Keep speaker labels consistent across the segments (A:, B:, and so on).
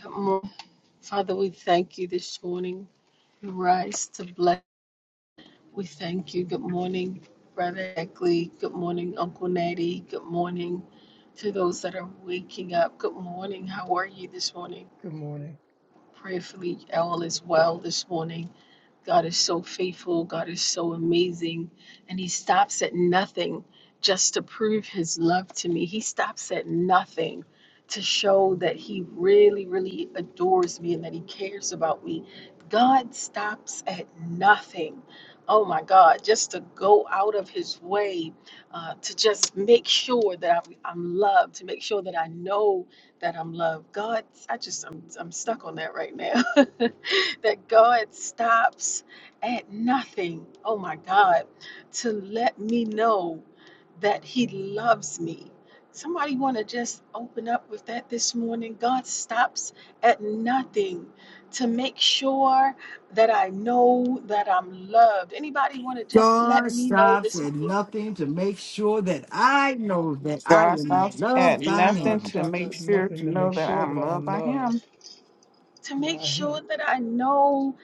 A: Come on. Father, we thank you this morning. You rise to bless. We thank you. Good morning, Brother Eckley. Good morning, Uncle Natty. Good morning to those that are waking up. Good morning. How are you this morning?
B: Good morning.
A: Prayerfully, all is well this morning. God is so faithful. God is so amazing. And He stops at nothing just to prove His love to me. He stops at nothing to show that He really, really adores me and that He cares about me. God stops at nothing. Oh my God, just to go out of His way uh, to just make sure that I'm, I'm loved, to make sure that I know that I'm loved. God, I just, I'm, I'm stuck on that right now. that God stops at nothing, oh my God, to let me know that He loves me. Somebody want to just open up with that this morning? God stops at nothing to make sure that I know that I'm loved. Anybody want to just let
C: God
A: me know
C: stops
A: this
C: at
A: morning?
C: nothing to make sure that I know that I
D: God
C: am
D: stops at
C: loved by
D: nothing
B: God
C: Him.
D: to
B: stops
D: make
B: at
D: sure to
B: nothing to
D: know
B: make
D: that
B: sure that
D: I'm loved
B: I'm
D: by
B: loved
D: Him.
A: to make
B: by Him.
A: sure that I know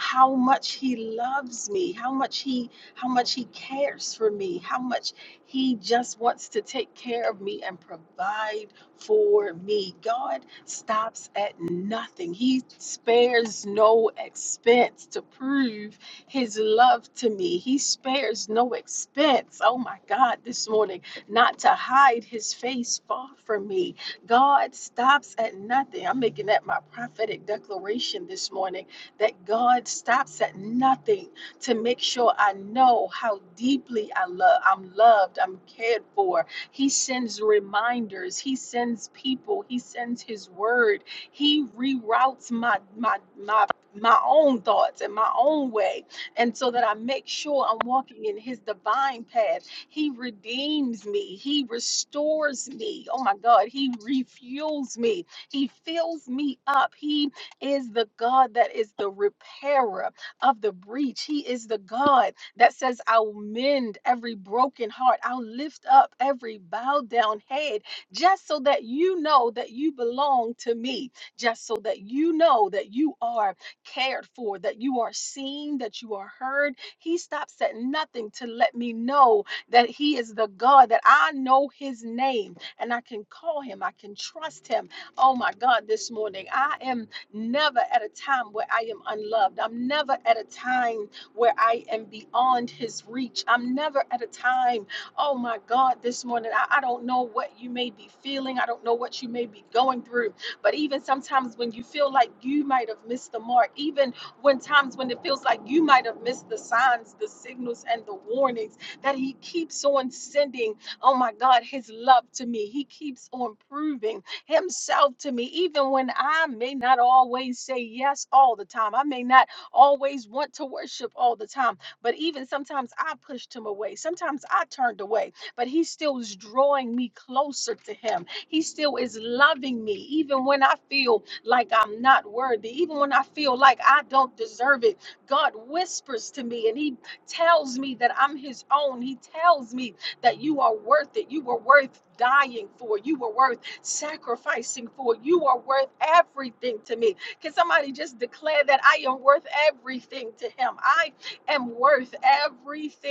A: how much he loves me, how much he how much he cares for me, how much he just wants to take care of me and provide for me. God stops at nothing. He spares no expense to prove his love to me. He spares no expense. Oh my God, this morning, not to hide his face far from me God stops at nothing. I'm making that my prophetic declaration this morning that God stops at nothing to make sure I know how deeply I love. I'm loved, I'm cared for. He sends reminders, he sends people, he sends his word. He reroutes my my my my own thoughts and my own way and so that I make sure I'm walking in his divine path he redeems me. He restores me. Oh my God. He refuels me. He fills me up. He is the God that is the repairer of the breach. He is the God that says, I'll mend every broken heart. I'll lift up every bowed down head just so that you know that you belong to me, just so that you know that you are cared for, that you are seen, that you are heard. He stops at nothing to let me know that He is the God, that I know His name and I can call Him, I can trust Him. Oh my God, this morning, I am never at a time where I am unloved. I'm never at a time where I am beyond His reach. I'm never at a time, oh my God, this morning, I, I don't know what you may be feeling, I don't know what you may be going through, but even sometimes when you feel like you might have missed the mark, even when times when it feels like you might have missed the signs, the signals, and the warnings that He keeps on sending, oh my God, His love to me. He keeps on proving Himself to me, even when I may not always say yes all the time. I may not always want to worship all the time, but even sometimes I pushed Him away. Sometimes I turned away, but He still is drawing me closer to Him. He still is loving me, even when I feel like I'm not worthy, even when I feel like I don't deserve it. God whispers to me and He tells me that I'm his own. He tells me that you are worth it. You were worth dying for. You were worth sacrificing for. You are worth everything to me. Can somebody just declare that I am worth everything to him? I am worth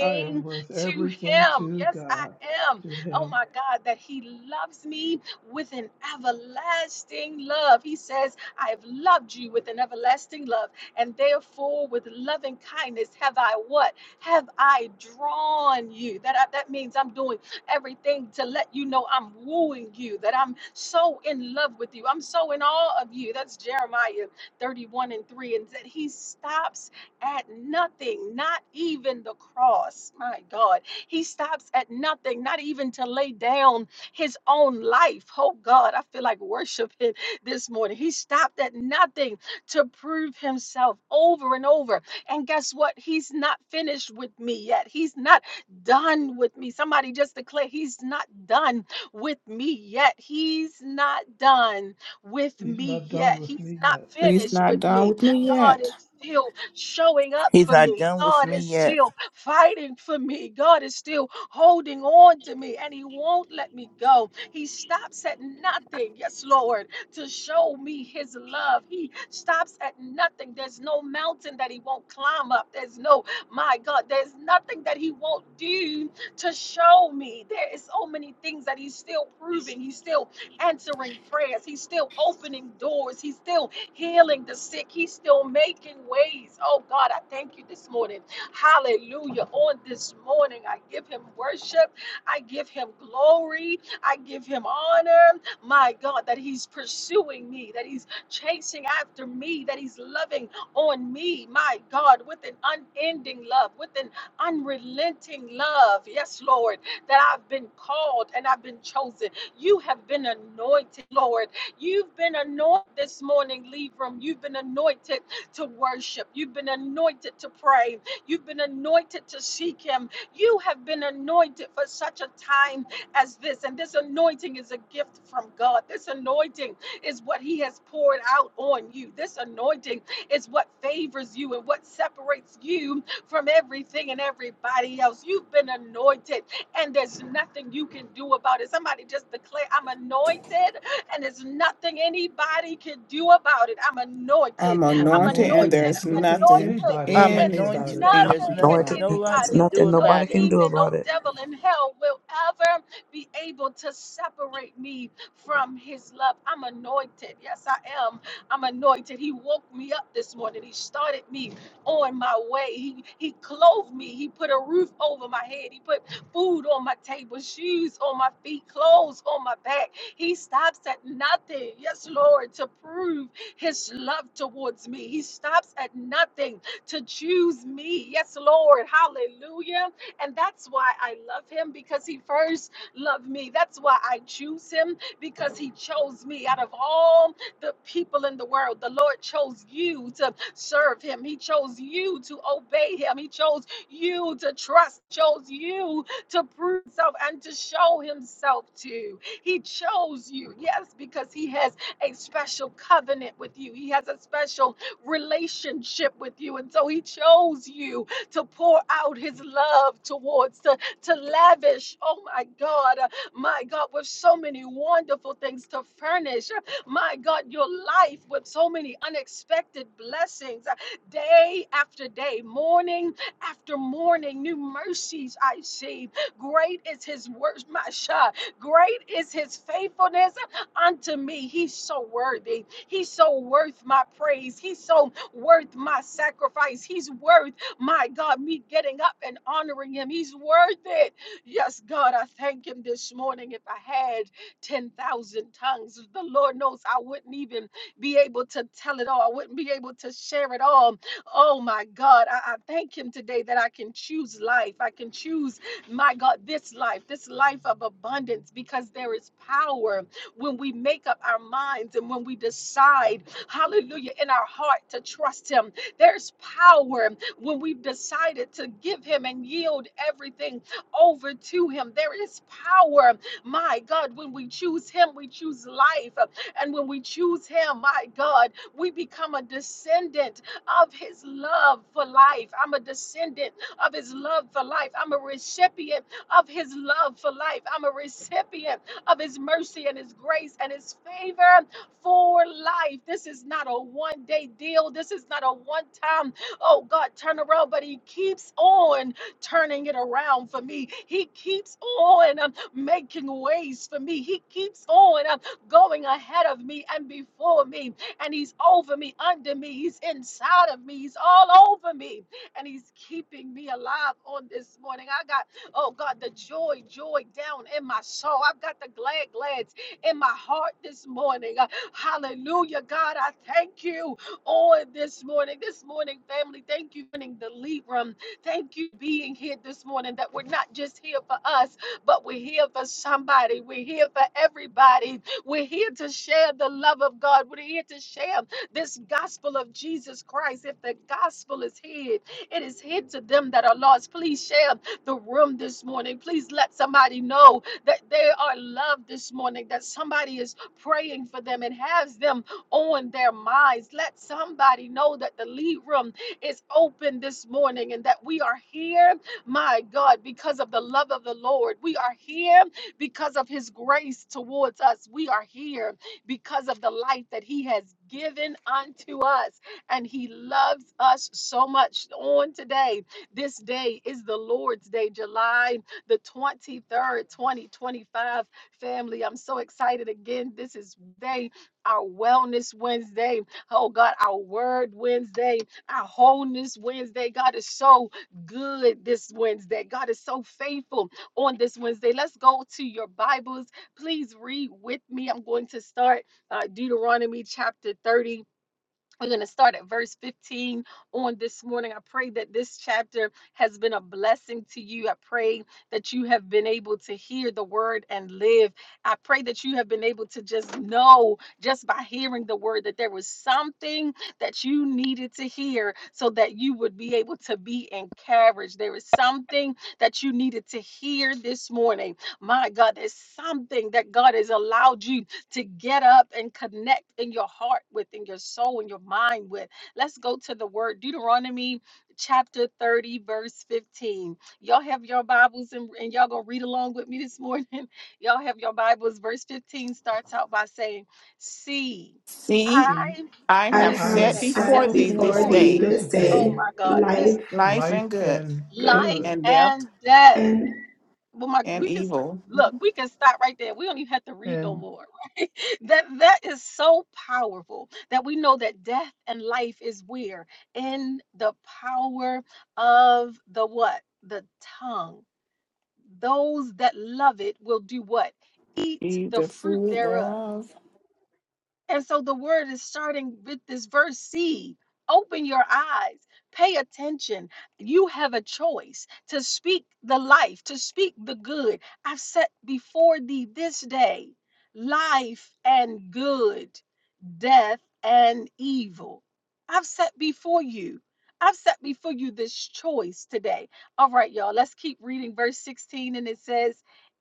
B: I am worth
A: to
B: everything
A: him.
B: to
A: Yes, I
B: God,
A: am.
B: to
A: Oh
B: Him.
A: my God, that he loves me with an everlasting love. He says, I have loved you with an everlasting love, and therefore with loving kindness have I what? have I drawn you? That I, that means I'm doing everything to let you know I'm wooing you, that I'm so in love with you. I'm so in awe of you. That's Jeremiah 31 and 3. And that he stops at nothing, not even the cross. My God. He stops at nothing, not even to lay down his own life. Oh God, I feel like worshiping this morning. He stopped at nothing to prove himself over and over and guess what? He's not finished with me yet. He's not done with me. Somebody just declare, He's not done with me yet. He's not done with
B: He's
A: me
B: not done
A: yet.
B: with
A: He's
B: me
A: not
B: yet.
D: He's
A: finished
D: not
A: with
D: done
A: me.
D: with me
A: God
D: yet.
A: is still showing up
E: He's
A: for
E: not
A: me.
E: done with
A: God
E: me
A: is
E: yet.
A: still fighting for me. God is still holding on to me, and He won't let me go. He stops at nothing. Yes, Lord to show me his love. He stops at nothing. There's no mountain that he won't climb up. There's no, my God, there's nothing that he won't do to show me. There is so many things that he's still proving. He's still answering prayers. He's still opening doors. He's still healing the sick. He's still making ways. Oh God, I thank you this morning. Hallelujah. On this morning, I give him worship. I give him glory. I give him honor my God, that He's pursuing me, that He's chasing after me, that He's loving on me, my God, with an unending love, with an unrelenting love. Yes, Lord, that I've been called and I've been chosen. You have been anointed, Lord. You've been anointed this morning, Libram. You've been anointed to worship. You've been anointed to pray. You've been anointed to seek Him. You have been anointed for such a time as this. And this anointing is a gift from God. This anointing is what He has poured out on you. This anointing is what favors you and what separates you from everything and everybody else. You've been anointed, and there's nothing you can do about it. Somebody just declare, I'm anointed, and there's nothing anybody can do about it. I'm anointed.
D: I'm
B: I'm
A: I'm
D: anointed, and
B: anointed,
D: there
B: and
A: anointed.
B: there's
D: is
A: I'm
B: nothing
D: nothing
A: anointed.
B: anybody
E: I'm
B: can
A: And
B: do
A: there's
D: anybody
B: about
E: anointed
B: it.
E: and
D: can
E: there's
A: nothing
D: do
A: that
E: nothing
F: Lord,
D: about it.
E: no one
F: there's
A: anybody,
E: can do
F: nothing
A: no
F: nobody
E: about it.
F: can do
A: demon, no
F: about it.
A: devil in hell will ever be able to separate me from his love. I'm anointed. Yes, I am. I'm anointed. He woke me up this morning. He started me on my way. He he clothed me. He put a roof over my head. He put food on my table, shoes on my feet, clothes on my back. He stops at nothing. Yes, Lord, to prove his love towards me. He stops at nothing to choose me. Yes, Lord. Hallelujah. And that's why I love him because he first love me. That's why I choose him because he chose me out of all the people in the world. The Lord chose you to serve him. He chose you to obey him. He chose you to trust, chose you to prove himself and to show himself to. He chose you, yes, because he has a special covenant with you. He has a special relationship with you. And so he chose you to pour out his love towards, to to lavish, oh my God, uh, my God, with so many wonderful things to furnish, uh, my God, your life with so many unexpected blessings, uh, day after day, morning after morning, new mercies I see. Great is his works, my shah. Great is his faithfulness unto me. He's so worthy. He's so worth my praise. He's so worth my sacrifice. He's worth my God, me getting up and honoring him. He's worth it. Yes, God, I thank him this morning. If I had 10,000 tongues, the Lord knows I wouldn't even be able to tell it all. I wouldn't be able to share it all. Oh, my God, I, I thank him today that I can choose life. I can choose, my God, this life, this life of abundance, because there is power when we make up our minds and when we decide, hallelujah, in our heart to trust Him. There's power when we've decided to give Him and yield everything over to Him. There is power, my God, when we choose Him, we choose life. And when we choose Him, my God, we become a descendant of His love for life. I'm a descendant of His love for life. I'm a recipient of His love for life. I'm a recipient of His mercy and His grace and His favor for life. This is not a one day deal. This is not a one time Oh God, turn around. But He keeps on turning it around for me. He keeps on um, making ways for me. He keeps on um, going ahead of me and before me. And He's over me, under me. He's inside of me. He's all over me. And He's keeping me alive on this morning. I got, oh God, the joy, joy down in my soul. I've got the glad, glads in my heart this morning. Uh, Hallelujah, God. I thank you on this morning. This morning, family, thank you for joining the lead room. Thank you for being here this morning. That we're not just here for us, but we're here for somebody. We're here for everybody. We're here to share the love of God. We're here to share this gospel of Jesus Christ. If the gospel is hid, it is hid to them that are lost. Please share the room this morning. Please let somebody know that they are loved this morning, that somebody is praying for them and has them on their minds. Let somebody know that the lead room is open this morning and that we are here, my God, because of the love of the Lord. We are here because of his grace towards us. We are here because of the light that he has given unto us. And he loves us so much. On today, this day is the Lord's Day, July the 23rd, 2025. Family, I'm so excited again. This is day our Wellness Wednesday, oh God, our Word Wednesday, our Wholeness Wednesday. God is so good this Wednesday. God is so faithful on this Wednesday. Let's go to your Bibles. Please read with me. I'm going to start uh, Deuteronomy chapter 30. We're going to start at verse 15 on this morning. I pray that this chapter has been a blessing to you. I pray that you have been able to hear the word and live. I pray that you have been able to just know, just by hearing the word, that there was something that you needed to hear so that you would be able to be encouraged. There is something that you needed to hear this morning. My God, there's something that God has allowed you to get up and connect in your heart with, in your soul, in your mind with. Let's go to the word Deuteronomy chapter 30, verse 15. Y'all have your Bibles and, and y'all gonna read along with me this morning. Y'all have your Bibles. Verse 15 starts out by saying, See, I,
D: See,
B: See,
D: I
G: I
A: what
D: have
A: does
B: I
A: it
G: have
D: set
B: have
A: say? I
B: set
D: before
A: have
G: set
D: thee
A: seen
B: before
G: before
D: this
A: for
B: thee
A: you.
G: thee
D: day
B: this
G: this
A: Oh
G: day
B: day
A: my God, this
G: life
D: life
B: life
D: and good,
B: and
G: good,
B: good,
A: life
D: and death
A: and death.
G: and
A: Well, my,
D: and
A: we can st-
D: evil,
A: look, we can stop right there. We don't even have to read no
B: and
A: more, right? That that is so powerful that we know that death and life is where in the power of the what? The tongue. Those that love it will do what? Eat
D: Eat
A: the
D: the
A: fruit
D: food
A: thereof.
D: thereof.
A: And so the word is starting with this verse See, Open your eyes, pay attention. You have a choice to speak the life, to speak the good. I've set before thee this day life and good, death and evil. I've set before you. I've set before you this choice today. All right, y'all, let's keep reading verse 16, and it says,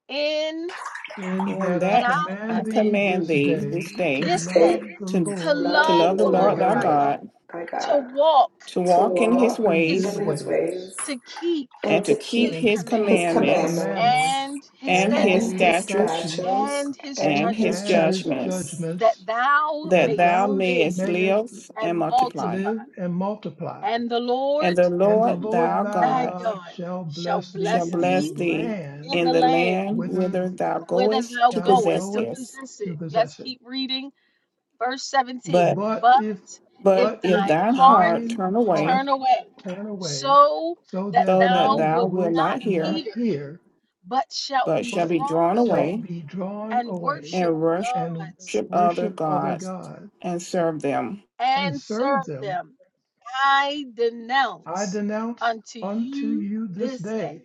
A: In
B: in
D: And
B: that I
A: that
D: that
A: I
B: command
D: I
B: thee
A: command thee
D: command
B: this
D: thee
B: day
D: this
B: to
D: day
G: this
A: this
G: day to
A: day
B: love the
D: to
A: to
B: Lord
D: to
G: love the
A: love
D: love the
A: the
B: thy
D: Lord
A: Lord
D: thy
A: thy
B: God,
G: Lord
A: God,
D: God
G: thy
A: to
G: God,
A: walk
D: to
G: to
B: to
D: walk in his
G: walk
B: walk
A: in
B: in
A: his
B: his
G: in
D: ways
A: ways,
G: his ways,
B: ways
A: to keep
G: and
D: and to
G: to keep
D: keep
A: his
B: and
D: his
B: to keep
G: his
A: commandments
B: his
D: commandments
G: commandments,
B: commandments
A: and his
D: and
B: and
D: his
A: statutes
G: and
B: his
G: his
D: statutes
B: statutes
G: statutes,
A: and his
G: and
D: and
A: judgments,
D: his
G: his
B: and his
D: judgments,
G: judgments.
A: that
B: judgments,
A: thou
D: that
B: that
D: thou
A: mayest
B: thou sh-
A: live
D: mayest
B: mayest
D: live
A: and
D: and multiply.
A: multiply.
B: live and multiply.
A: And the
D: And
A: Lord
D: the
B: And the
D: Lord
B: Lord
D: thy
B: thy
A: thy
D: God
B: God
A: God
B: shall
A: shall
B: bless
D: shall
B: thee
A: bless
B: in the
D: bless
A: thee
D: thee
B: land
A: in
D: in
A: the
D: the
A: land
D: land
B: whither
D: whither thou
A: whither
D: goest
A: thou
D: to
B: thou
D: possess
A: goest to
B: goest
D: it.
A: possess
B: to
A: it. Let's
B: possess it.
A: keep reading Verse
D: But
A: 17,
B: But
A: but
B: if
A: if
D: but
B: but
D: if
B: if
A: thine
D: thine
A: heart
D: heart
B: thine
D: turn away,
B: heart
A: turn away,
B: turn away,
A: so
B: so
A: that
B: that
D: so that
A: thou
B: thou
D: thou
A: wilt
D: wilt
B: wilt
D: not
A: not
D: hear,
B: not
A: hear,
B: hear,
A: but shalt
D: but
A: be
D: shall
B: but
D: be
A: drawn
D: drawn away
B: shalt
A: away
B: be drawn
A: and
B: away
A: worship
D: and worship
B: and
A: gods
D: other
B: worship other
D: gods
B: gods
D: and serve them,
B: and
A: and serve
B: serve them.
A: them, I
B: I
A: denounce
B: denounce
A: unto
B: unto
A: you
B: you this
A: this day
B: day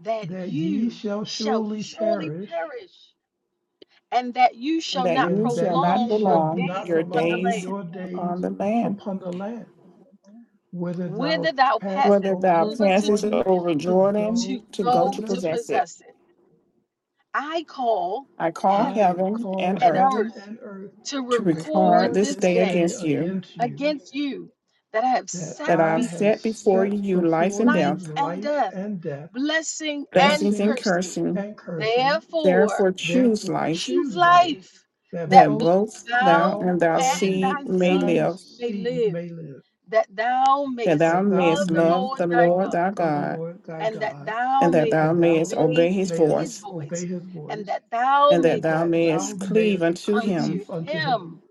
A: that
B: that ye
A: you
B: shall
A: shall
B: surely
A: surely
B: perish,
A: perish, and that you
D: and
A: shall
D: that
A: not
D: you
B: and that
D: shall not
B: ye
A: prolong your
B: shall
D: prolong
A: days
B: not
D: your
A: upon the
B: prolong
D: days
A: land,
B: your days
D: upon the land,
B: upon the land, whither
A: whither
B: thou
A: thou passest
B: pass
D: whether thou
B: over
A: over to
D: passest
B: Jordan
A: Jordan
D: over
B: to
D: Jordan
A: to
B: go
D: to
B: to
D: go to
A: go to
B: possess it.
D: possess it.
A: possess it. I call
D: I call
B: I
A: heaven
D: heaven
B: call
D: and
A: and
D: earth
B: heaven
A: earth
B: and earth
A: to
D: to
B: to
D: require
A: record
B: record
D: this
A: this
B: this
D: day
A: day
B: day
D: against you,
B: against you,
A: against you that I have
B: that
A: set
D: that I
B: I
D: have
A: before
B: have
D: set
A: you
D: before
B: set
D: you life
B: before
D: and
B: you
D: death,
A: life and
B: life
A: death,
B: and death
A: blessing and
D: blessings
B: blessing
D: and
A: cursing.
D: cursing.
B: and cursing.
A: Therefore,
D: Therefore choose
B: Therefore
D: life,
A: choose
B: choose life,
A: life
B: that
A: that
D: that
A: both
B: both
D: both thou
A: thou
B: thou
D: and thy
A: and
B: and
D: seed
A: thy
D: may
A: seed
B: thy
D: live,
A: may
B: seed
A: live,
B: may live,
A: that thou
D: that
A: mayest
D: thou
B: that thou
A: love
D: mayest
A: the
B: mayest
D: love
A: Lord
D: the
A: thy
B: love
D: Lord
A: God
D: thy
B: the
D: God,
B: Lord thy
A: and that
B: God,
A: thou
D: and that
A: mayest
D: thou
B: and
D: mayest
B: thou
D: obey
A: obey
D: his
B: mayest
D: voice
A: his
B: obey
A: voice,
B: his
A: and
B: voice,
A: that thou
D: and that
B: and
A: mayest
D: thou
B: that
A: heed
D: mayest
B: thou
D: cleave
B: mayest
D: unto him.
B: cleave
A: unto
B: unto him.
A: him.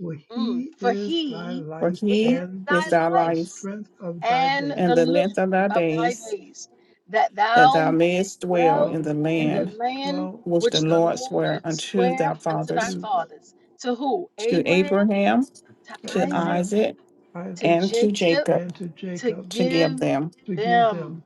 B: For
A: Mm.
B: he
A: For
B: is thy
A: he
D: For
B: life
A: is
D: he
B: and
D: is
A: thy
D: thy
B: the
A: life
D: life,
B: strength of thy
A: and
B: days.
D: and
A: the
D: the
A: lift
D: length of thy
A: of thy
D: days,
A: days, that
D: that
A: thou
D: thou
A: mayest
D: mayest dwell
A: dwell
D: in
B: Thou
D: the
A: in the
D: land
B: mayest
A: land
B: dwell
D: which the
A: which the
D: Lord sware
A: Lord
D: unto
A: sware
D: thy
A: unto thy
D: fathers,
B: to,
A: fathers, to who?
D: to
A: Abraham,
D: Abraham,
A: to
B: to
D: to
A: Isaac,
B: Abraham,
D: Isaac,
A: to
B: Isaac,
D: and to
A: Jacob,
D: Jacob,
B: and to
A: to
B: Jacob
D: to give
A: give
D: them.
B: Forgive
A: them.
B: them.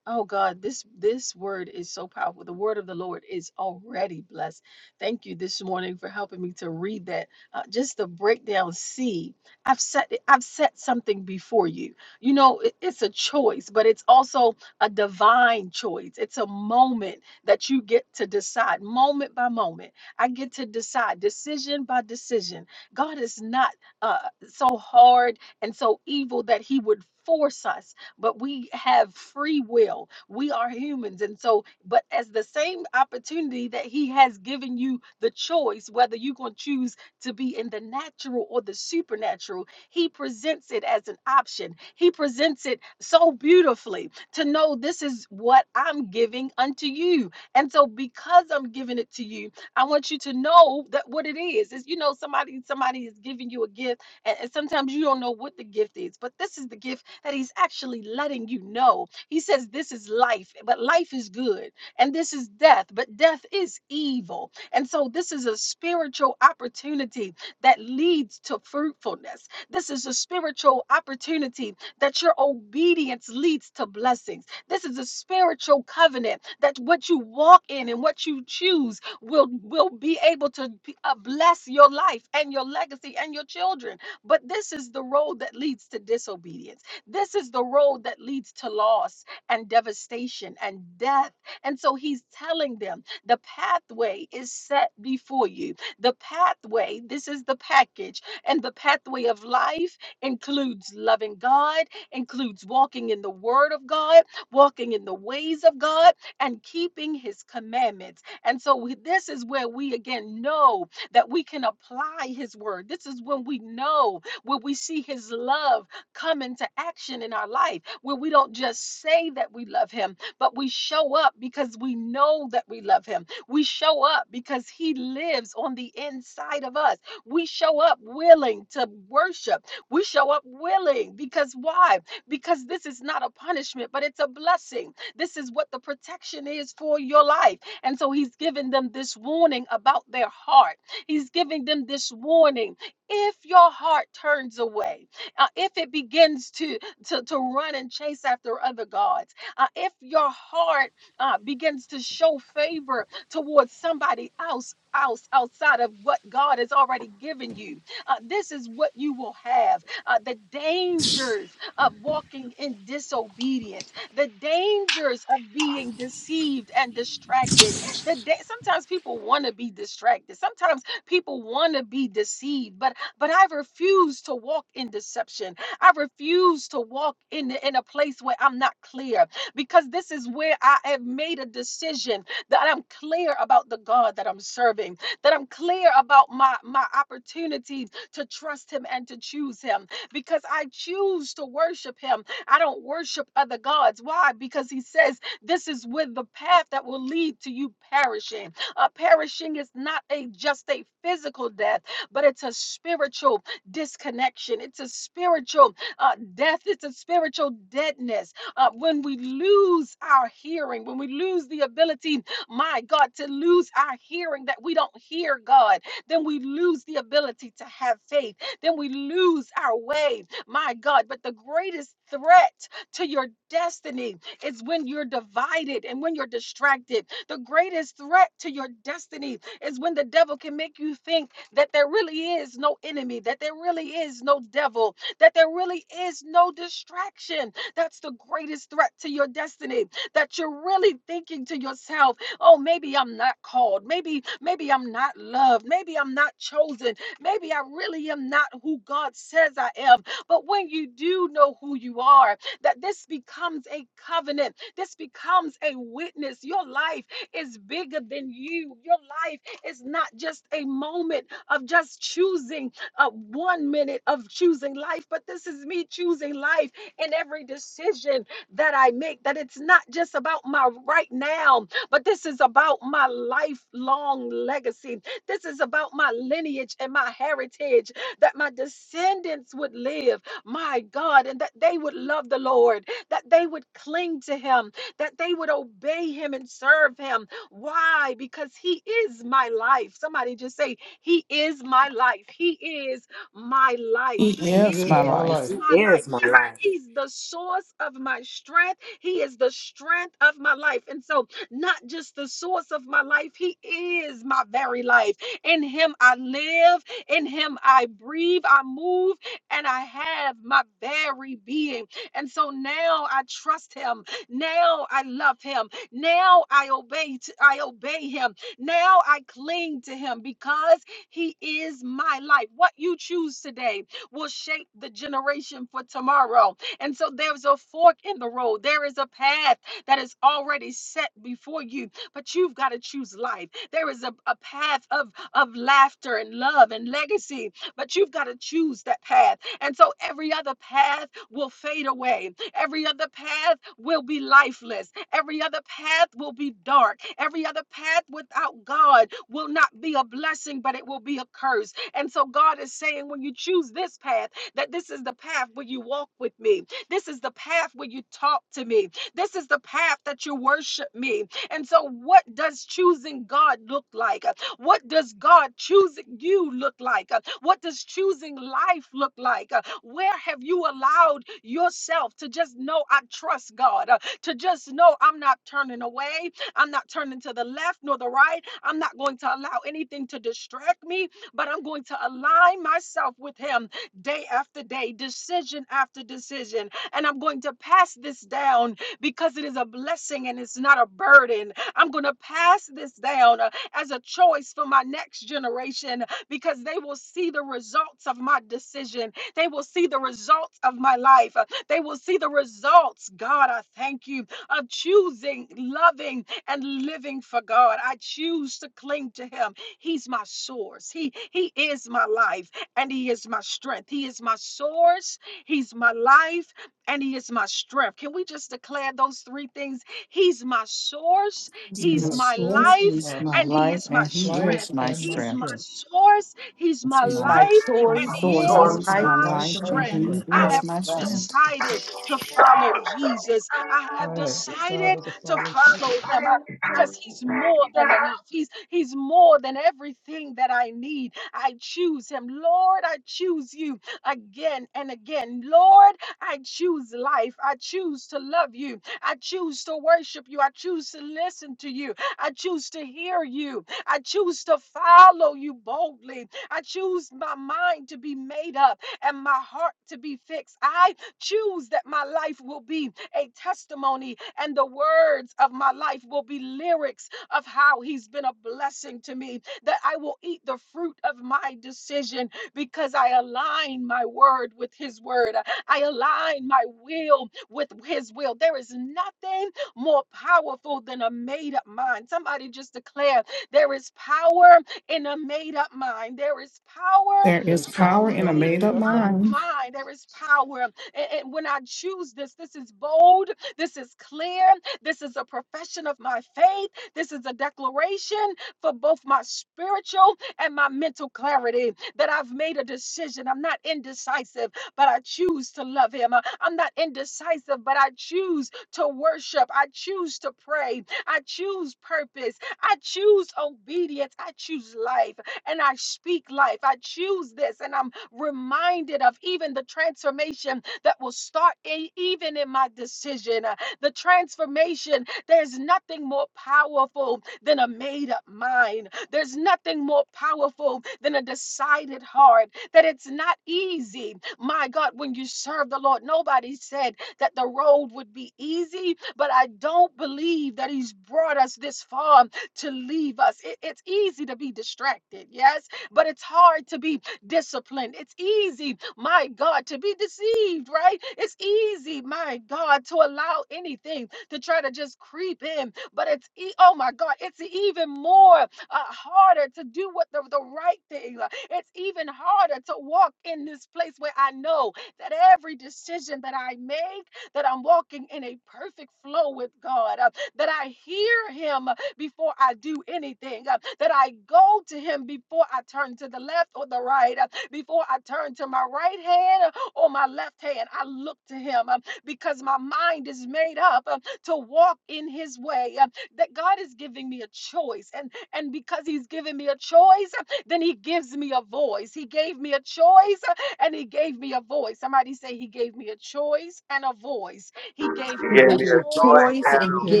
A: Oh God, this this word is so powerful. The word of the Lord is already blessed. Thank you this morning for helping me to read that. Uh, just the breakdown. See, I've set I've set something before you. You know, it- it's a choice, but it's also a divine choice. It's a moment that you get to decide, moment by moment. I get to decide, decision by decision. God is not uh, so hard and so evil that He would force us but we have free will. We are humans. And so, but as the same opportunity that He has given you the choice, whether you're going to choose to be in the natural or the supernatural, He presents it as an option. He presents it so beautifully to know this is what I'm giving unto you. And so, because I'm giving it to you, I want you to know that what it is is, you know, somebody somebody is giving you a gift and, and sometimes you don't know what the gift is, but this is the gift that He's actually letting you know. He says, This is life, but life is good. And this is death, but death is evil. And so this is a spiritual opportunity that leads to fruitfulness. This is a spiritual opportunity that your obedience leads to blessings. This is a spiritual covenant that what you walk in and what you choose will will be able to be- uh, bless your life and your legacy and your children. But this is the road that leads to disobedience. This is the road that leads to loss and devastation and death. And so he's telling them the pathway is set before you. The pathway, this is the package. And the pathway of life includes loving God, includes walking in the word of God, walking in the ways of God, and keeping his commandments. And so we- this is where we again know that we can apply His word. This is when we know, when we see His love come into action in our life, where we don't just say that we love Him, but we show up because we know that we love Him. We show up because He lives on the inside of us. We show up willing to worship. We show up willing because why? Because this is not a punishment, but it's a blessing. This is what the protection is for your life. And so he's given them this warning about their heart. He's giving them this warning. If your heart turns away, uh, if it begins to, to, to run and chase after other gods, uh, if your heart uh, begins to show favor towards somebody else, else outside of what God has already given you, uh, this is what you will have. Uh, the dangers of walking in disobedience, the dangers of being deceived and distracted. The da- sometimes people want to be distracted. Sometimes People want to be deceived, but but I refuse to walk in deception. I refuse to walk in in a place where I'm not clear because this is where I have made a decision that I'm clear about the God that I'm serving, that I'm clear about my my opportunity to trust him and to choose him because I choose to worship him. I don't worship other gods. Why? Because he says this is with the path that will lead to you perishing. Uh, perishing is not a just a physical death, but it's a spiritual disconnection. It's a spiritual uh, death. It's a spiritual deadness. Uh, when we lose our hearing, when we lose the ability, my God, to lose our hearing that we don't hear God, then we lose the ability to have faith. Then we lose our way, my God. But the greatest threat to your destiny is when you're divided and when you're distracted. The greatest threat to your destiny is when the devil can make you think that there really is no enemy, that there really is no devil, that there really is no distraction. That's the greatest threat to your destiny. That you're really thinking to yourself, oh, maybe I'm not called. Maybe, maybe I'm not loved. Maybe I'm not chosen. Maybe I really am not who God says I am. But when you do know who you are, that this becomes a covenant. This becomes a witness. Your life is bigger than you. Your life is not just a moment of just choosing uh, one minute of choosing life, but this is me choosing life in every decision that I make. That it's not just about my right now, but this is about my lifelong legacy. This is about my lineage and my heritage that my descendants would live my God, and that they would love the Lord, that they would cling to Him, that they would obey Him and serve Him. Why? Because He is my life. Somebody just say, He is my life. He is my life. He
D: He
B: He
D: is my
B: is
A: is
B: my
D: life.
H: He
B: life.
A: my life.
H: is my
A: He's
H: life.
A: He's the source of my strength. He is the strength of my life. And so, not just the source of my life, He is my very life. In Him I live. In Him I breathe. I move and I have my very being. And so now I trust him. Now I love him. Now I obey t- I obey him. Now I cling to him because he is my life. What you choose today will shape the generation for tomorrow. And so there's a fork in the road. There is a path that is already set before you, but you've got to choose life. There is a, a path of, of laughter and love and legacy, but you've got to choose that path. And so every other path will fade away. Every other path will be lifeless. Every other path will be dark. Every other path without God will not be a blessing, but it will be a curse. And so God is saying, when you choose this path, that this is the path where you walk with me. This is the path where you talk to me. This is the path that you worship me. And so, what does choosing God look like? What does God choosing you look like? Uh, What does choosing life look like? Uh, Where have you allowed yourself to just know I trust God, uh, to just know I'm not turning away, I'm not turning to the left nor the right, I'm not going to allow anything to distract me, but I'm going to align myself with Him day after day, decision after decision, and I'm going to pass this down because it is a blessing and it's not a burden. I'm going to pass this down uh, as a choice for my next generation because they will see the results of my decision. They will see the results of my life. Uh, They will see the results, God, I thank you, of choosing, loving, and living for God. I choose to cling to Him. He's my source. He, he is my life and He is my strength. He is my source. He's my life and He is my strength. Can we just declare those three things? He's my source.
D: He
B: He's
A: He's
B: my
D: is
A: my
B: source,
A: life
D: is
B: my
D: my
A: and
B: s-
A: He
D: life,
A: is my
D: and he
B: life,
A: strength.
D: is my
B: and my
A: He's my
D: strength.
B: strength.
A: source, He's
D: It's
A: my
C: He's
D: my
C: my
A: life,
B: He's
A: and
C: choice,
B: my
A: He
C: He's
D: source.
C: my
D: He
A: is
B: source,
D: is
B: my
C: life,
D: my
A: my
B: life,
D: life,
B: and my
D: and
A: strength.
C: and He's
B: strength.
A: I
D: he
C: my
D: is
A: have
D: my
C: strength.
D: strength.
A: decided to follow Jesus. I have
B: I have
A: decided
B: decided to
A: to
B: follow
A: follow
B: Jesus.
A: Him. I- because he's more than enough. He's he's more than everything that I need. I choose him. Lord, I choose you again and again. Lord, I choose life. I choose to love you. I choose to worship you. I choose to listen to you. I choose to hear you. I choose to follow you boldly. I choose my mind to be made up and my heart to be fixed. I choose that my life will be a testimony and the words of my life will be lyrics of how he's been a blessing to me, that I will eat the fruit of my decision because I align my word with his word. I align my will with his will. There is nothing more powerful than a made up mind. Somebody just declare there is power in a made up mind. There is power
D: There
B: There
D: is
B: is
A: in a
D: power
B: power
D: in a
B: in a
A: made
D: made
B: made
D: up
B: up
A: up
B: mind.
D: mind.
A: mind. There is power. And, and when I choose this, this is bold. This is clear. This is a profession of my faith. This is a declaration for both my spiritual and my mental clarity that I've made a decision. I'm not indecisive, but I choose to love him. I- I'm not indecisive, but I choose to worship. I choose to pray. I choose purpose. I choose obedience. I choose life and I speak life. I choose this and I'm reminded of even the transformation that will start e- even in my decision. Uh, The transformation, there's nothing more powerful than a made up mind. There's nothing more powerful than a decided heart. That it's not easy. My God, when you serve the Lord, nobody said that the road would be easy, but I don't believe that He's brought us this far to leave us. It- it's easy to be distracted, yes, but it's hard to be disciplined. It's easy, my God, to be deceived, right? It's easy, my God, to allow anything to try to just creep in, but it's, e- oh my God, it's even more uh, harder to do what the, the right thing. uh, It's even harder to walk in this place where I know that every decision that I make that I'm walking in a perfect flow with God, uh, that I hear Him uh, before I do anything, uh, that I go to Him before I turn to the left or the right, uh, before I turn to my right hand or my left hand. I look to Him um, because my mind is made up um, to walk in His way. um, that God is giving me a choice, and and because He's giving me a choice, uh, then He gives me a voice. He gave me a choice and he gave me a voice. Somebody say he gave me a choice and a voice. He gave
I: You
C: He
A: me
I: gave
A: a
C: gave
I: me
C: me
I: a
C: a
I: toy
A: choice
C: choice
I: and
B: He
C: and He
I: a
B: gave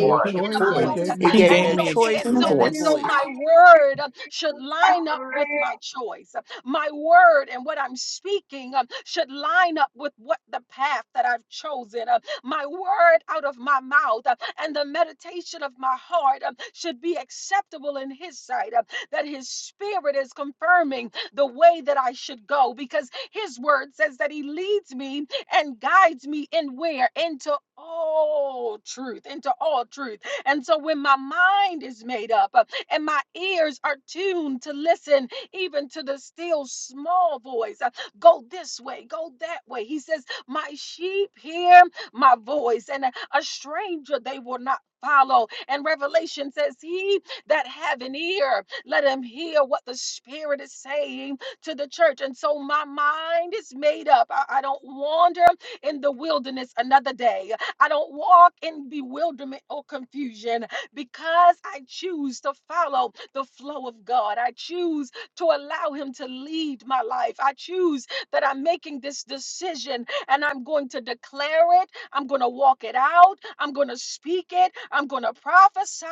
B: me a
C: me a
I: out
A: a
B: choice and he
A: voice.
B: gave
C: voice.
B: me
E: He
B: a
D: He
E: gave me
A: And
D: gave
E: a
A: so,
D: me a
B: voice.
E: choice
A: and
D: chicken
A: so,
E: and a
A: and
D: voice.
A: so
E: voice.
A: my word uh, should line up with my choice. My word and what I'm speaking uh, should line up with what the path that I've chosen. uh, My word out of my mouth uh, and the meditation of my heart uh, should be acceptable in his sight. uh, That his spirit is confirming the way that I should go because his word says that he leads me and guides me in where? Into all truth, into all truth. And so when my mind is made up uh, and my ears are tuned to listen even to the still small voice, uh, go this way, go that way. He says, My sheep hear my voice, and a a stranger they will not follow. And Revelation says, He that have an ear, let him hear what the Spirit is saying to the church. And so my mind is made up. I, I don't wander in the wilderness another day. I don't walk in bewilderment or confusion because I choose to follow the flow of God. I choose to allow Him to lead my life. I choose that I'm making this decision and I'm going to declare it. I'm going to walk it out. I'm going to speak it. I'm going to prophesy.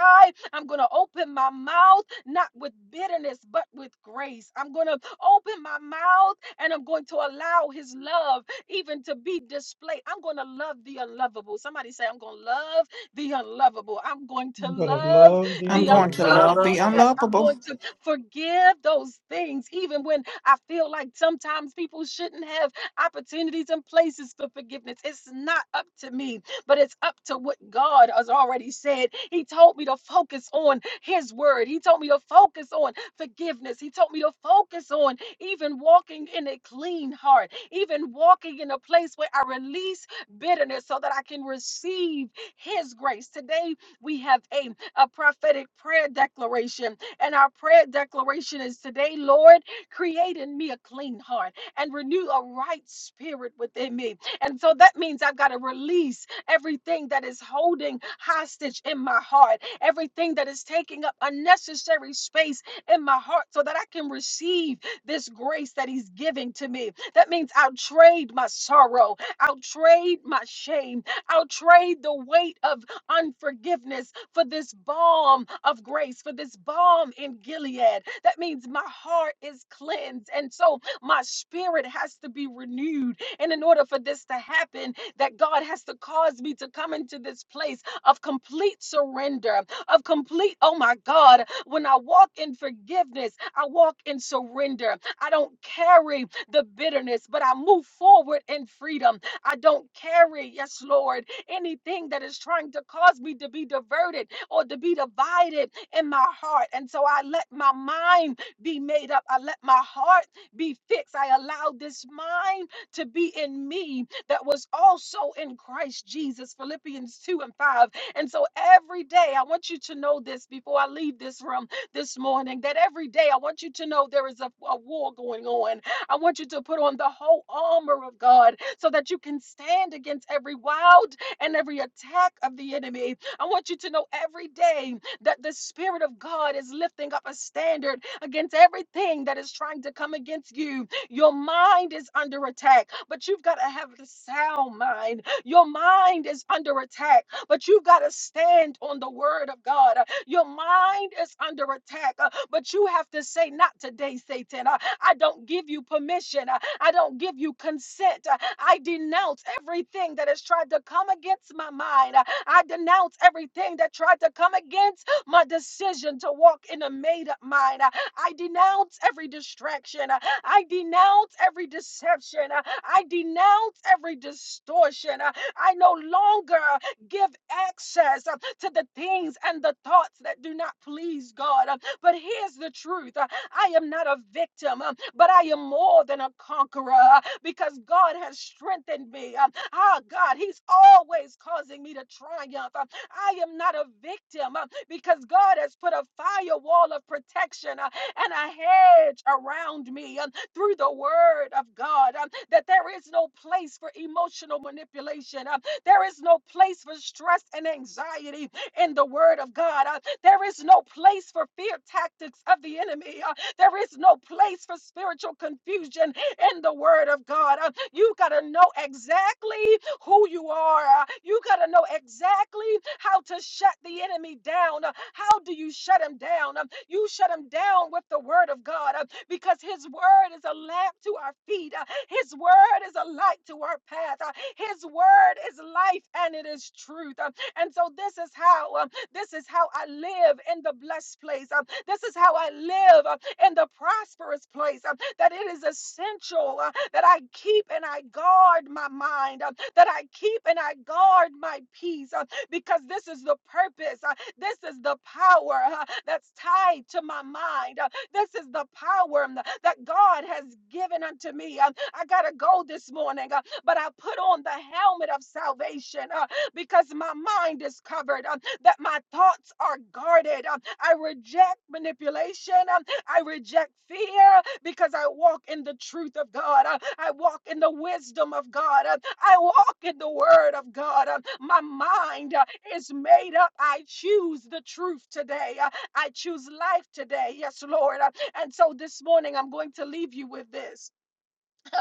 A: I'm going to open my mouth, not with bitterness, but with grace. I'm going to open my mouth and I'm going to allow His love even to be displayed. I'm going to love the unlovable. Somebody say, I'm going to love the unlovable. I'm going to
B: I'm going to
A: love
B: love the
D: I'm
A: the
D: going to
B: unlovable.
D: love
H: Brother,
A: unlovable.
D: the
H: brother,
A: Yes, I'm
D: unlovable.
A: going to forgive those things, even when I feel like sometimes people shouldn't have opportunities and places for forgiveness. It's not up to me, but it's up to what God has already said. He told me to focus on His word, He told me to focus on forgiveness, He told me to focus on even walking in a clean heart even walking in a place where I release bitterness so that I can receive His grace. Today, we have a, a prophetic prayer declaration, and our prayer declaration is today, Lord, create in me a clean heart and renew a right spirit within me. And so that means I've got to release everything that is holding hostage in my heart, everything that is taking up unnecessary space in my heart so that I can receive this grace that He's giving to me. That means I'll trade my sorrow, I'll trade my shame, I'll trade the weight of unforgiveness for this balm of grace, for this balm in Gilead. That means my heart is cleansed. And so my spirit has to be renewed. And in order for this to happen, that God has to cause me to come into this place of complete surrender, of complete, oh my God, when I walk in forgiveness, I walk in surrender. I don't carry the bitterness, but I move forward in freedom. I don't carry, yes, Lord, anything that is trying to cause me to be diverted or to be divided in my heart. And so I let my mind be made up. I let my heart be fixed. I allow this mind to be in me that was also in Christ Jesus. Philippians 2 and 5 and so every day, I want you to know this before I leave this room this morning that every day I want you to know there is a, a war going on. I want you to put on the whole armor of God so that you can stand against every wild and every attack of the enemy. I want you to know every day that the Spirit of God is lifting up a standard against everything that is trying to come against you. Your mind is under attack, but you've got to have the sound mind. Your mind is under attack, but you've got to stand on the word of God. Uh, Your mind is under attack, uh, but you have to say, Not today, Satan. Uh, I don't give you permission. Uh, I don't give you consent. Uh, I denounce everything that has tried to come against my mind. Uh, I denounce everything that tried to come against my decision to walk in a made up mind. Uh, I denounce every distraction. Uh, I denounce every deception. Uh, I denounce every distortion. Uh, I no longer give access uh, to the things and the thoughts that do not please God. Uh, But here's the truth uh, I am not a victim, um, but I am more than a conqueror uh, because God has strengthened me. Um, Ah, God, He's always causing me to triumph. Um, I am not a victim um, because God has put a firewall of protection uh, and a hedge around me. Um, through the word of God um, that there is no place for emotional manipulation. um, there is no place for stress and anxiety in the word of God. uh, there is no place for fear tactics of the enemy. uh, there is no place for spiritual confusion in the Word of God. Uh, You got to know exactly who you are. Uh, You got to know exactly how to shut the enemy down. Uh, How do you shut him down? Um, You shut him down with the Word of God uh, because His Word is a lamp to our feet, uh, His Word is a light to our path, uh, His Word is life and it is truth. Uh, And so, this is how. uh, this is how I live in the blessed place. Um, this is how I live um, in the prosperous place. um, that it is essential uh, that I keep and I guard my mind, um, that I keep and I guard my peace, um, because this is the purpose. uh, this is the power uh, that's tied to my mind. uh, this is the power um, that God has given unto me. Um, I got to go this morning, uh, but I put on the helmet of salvation uh, because my mind is covered. um, that my thoughts are guarded. Um, I reject manipulation. Um, I reject fear because I walk in the truth of God. Uh, I walk in the wisdom of God. Uh, I walk in the word of God. Uh, My mind uh, is made up. I choose the truth today. Uh, I choose life today. Yes, Lord. Uh, And so this morning, I'm going to leave you with this.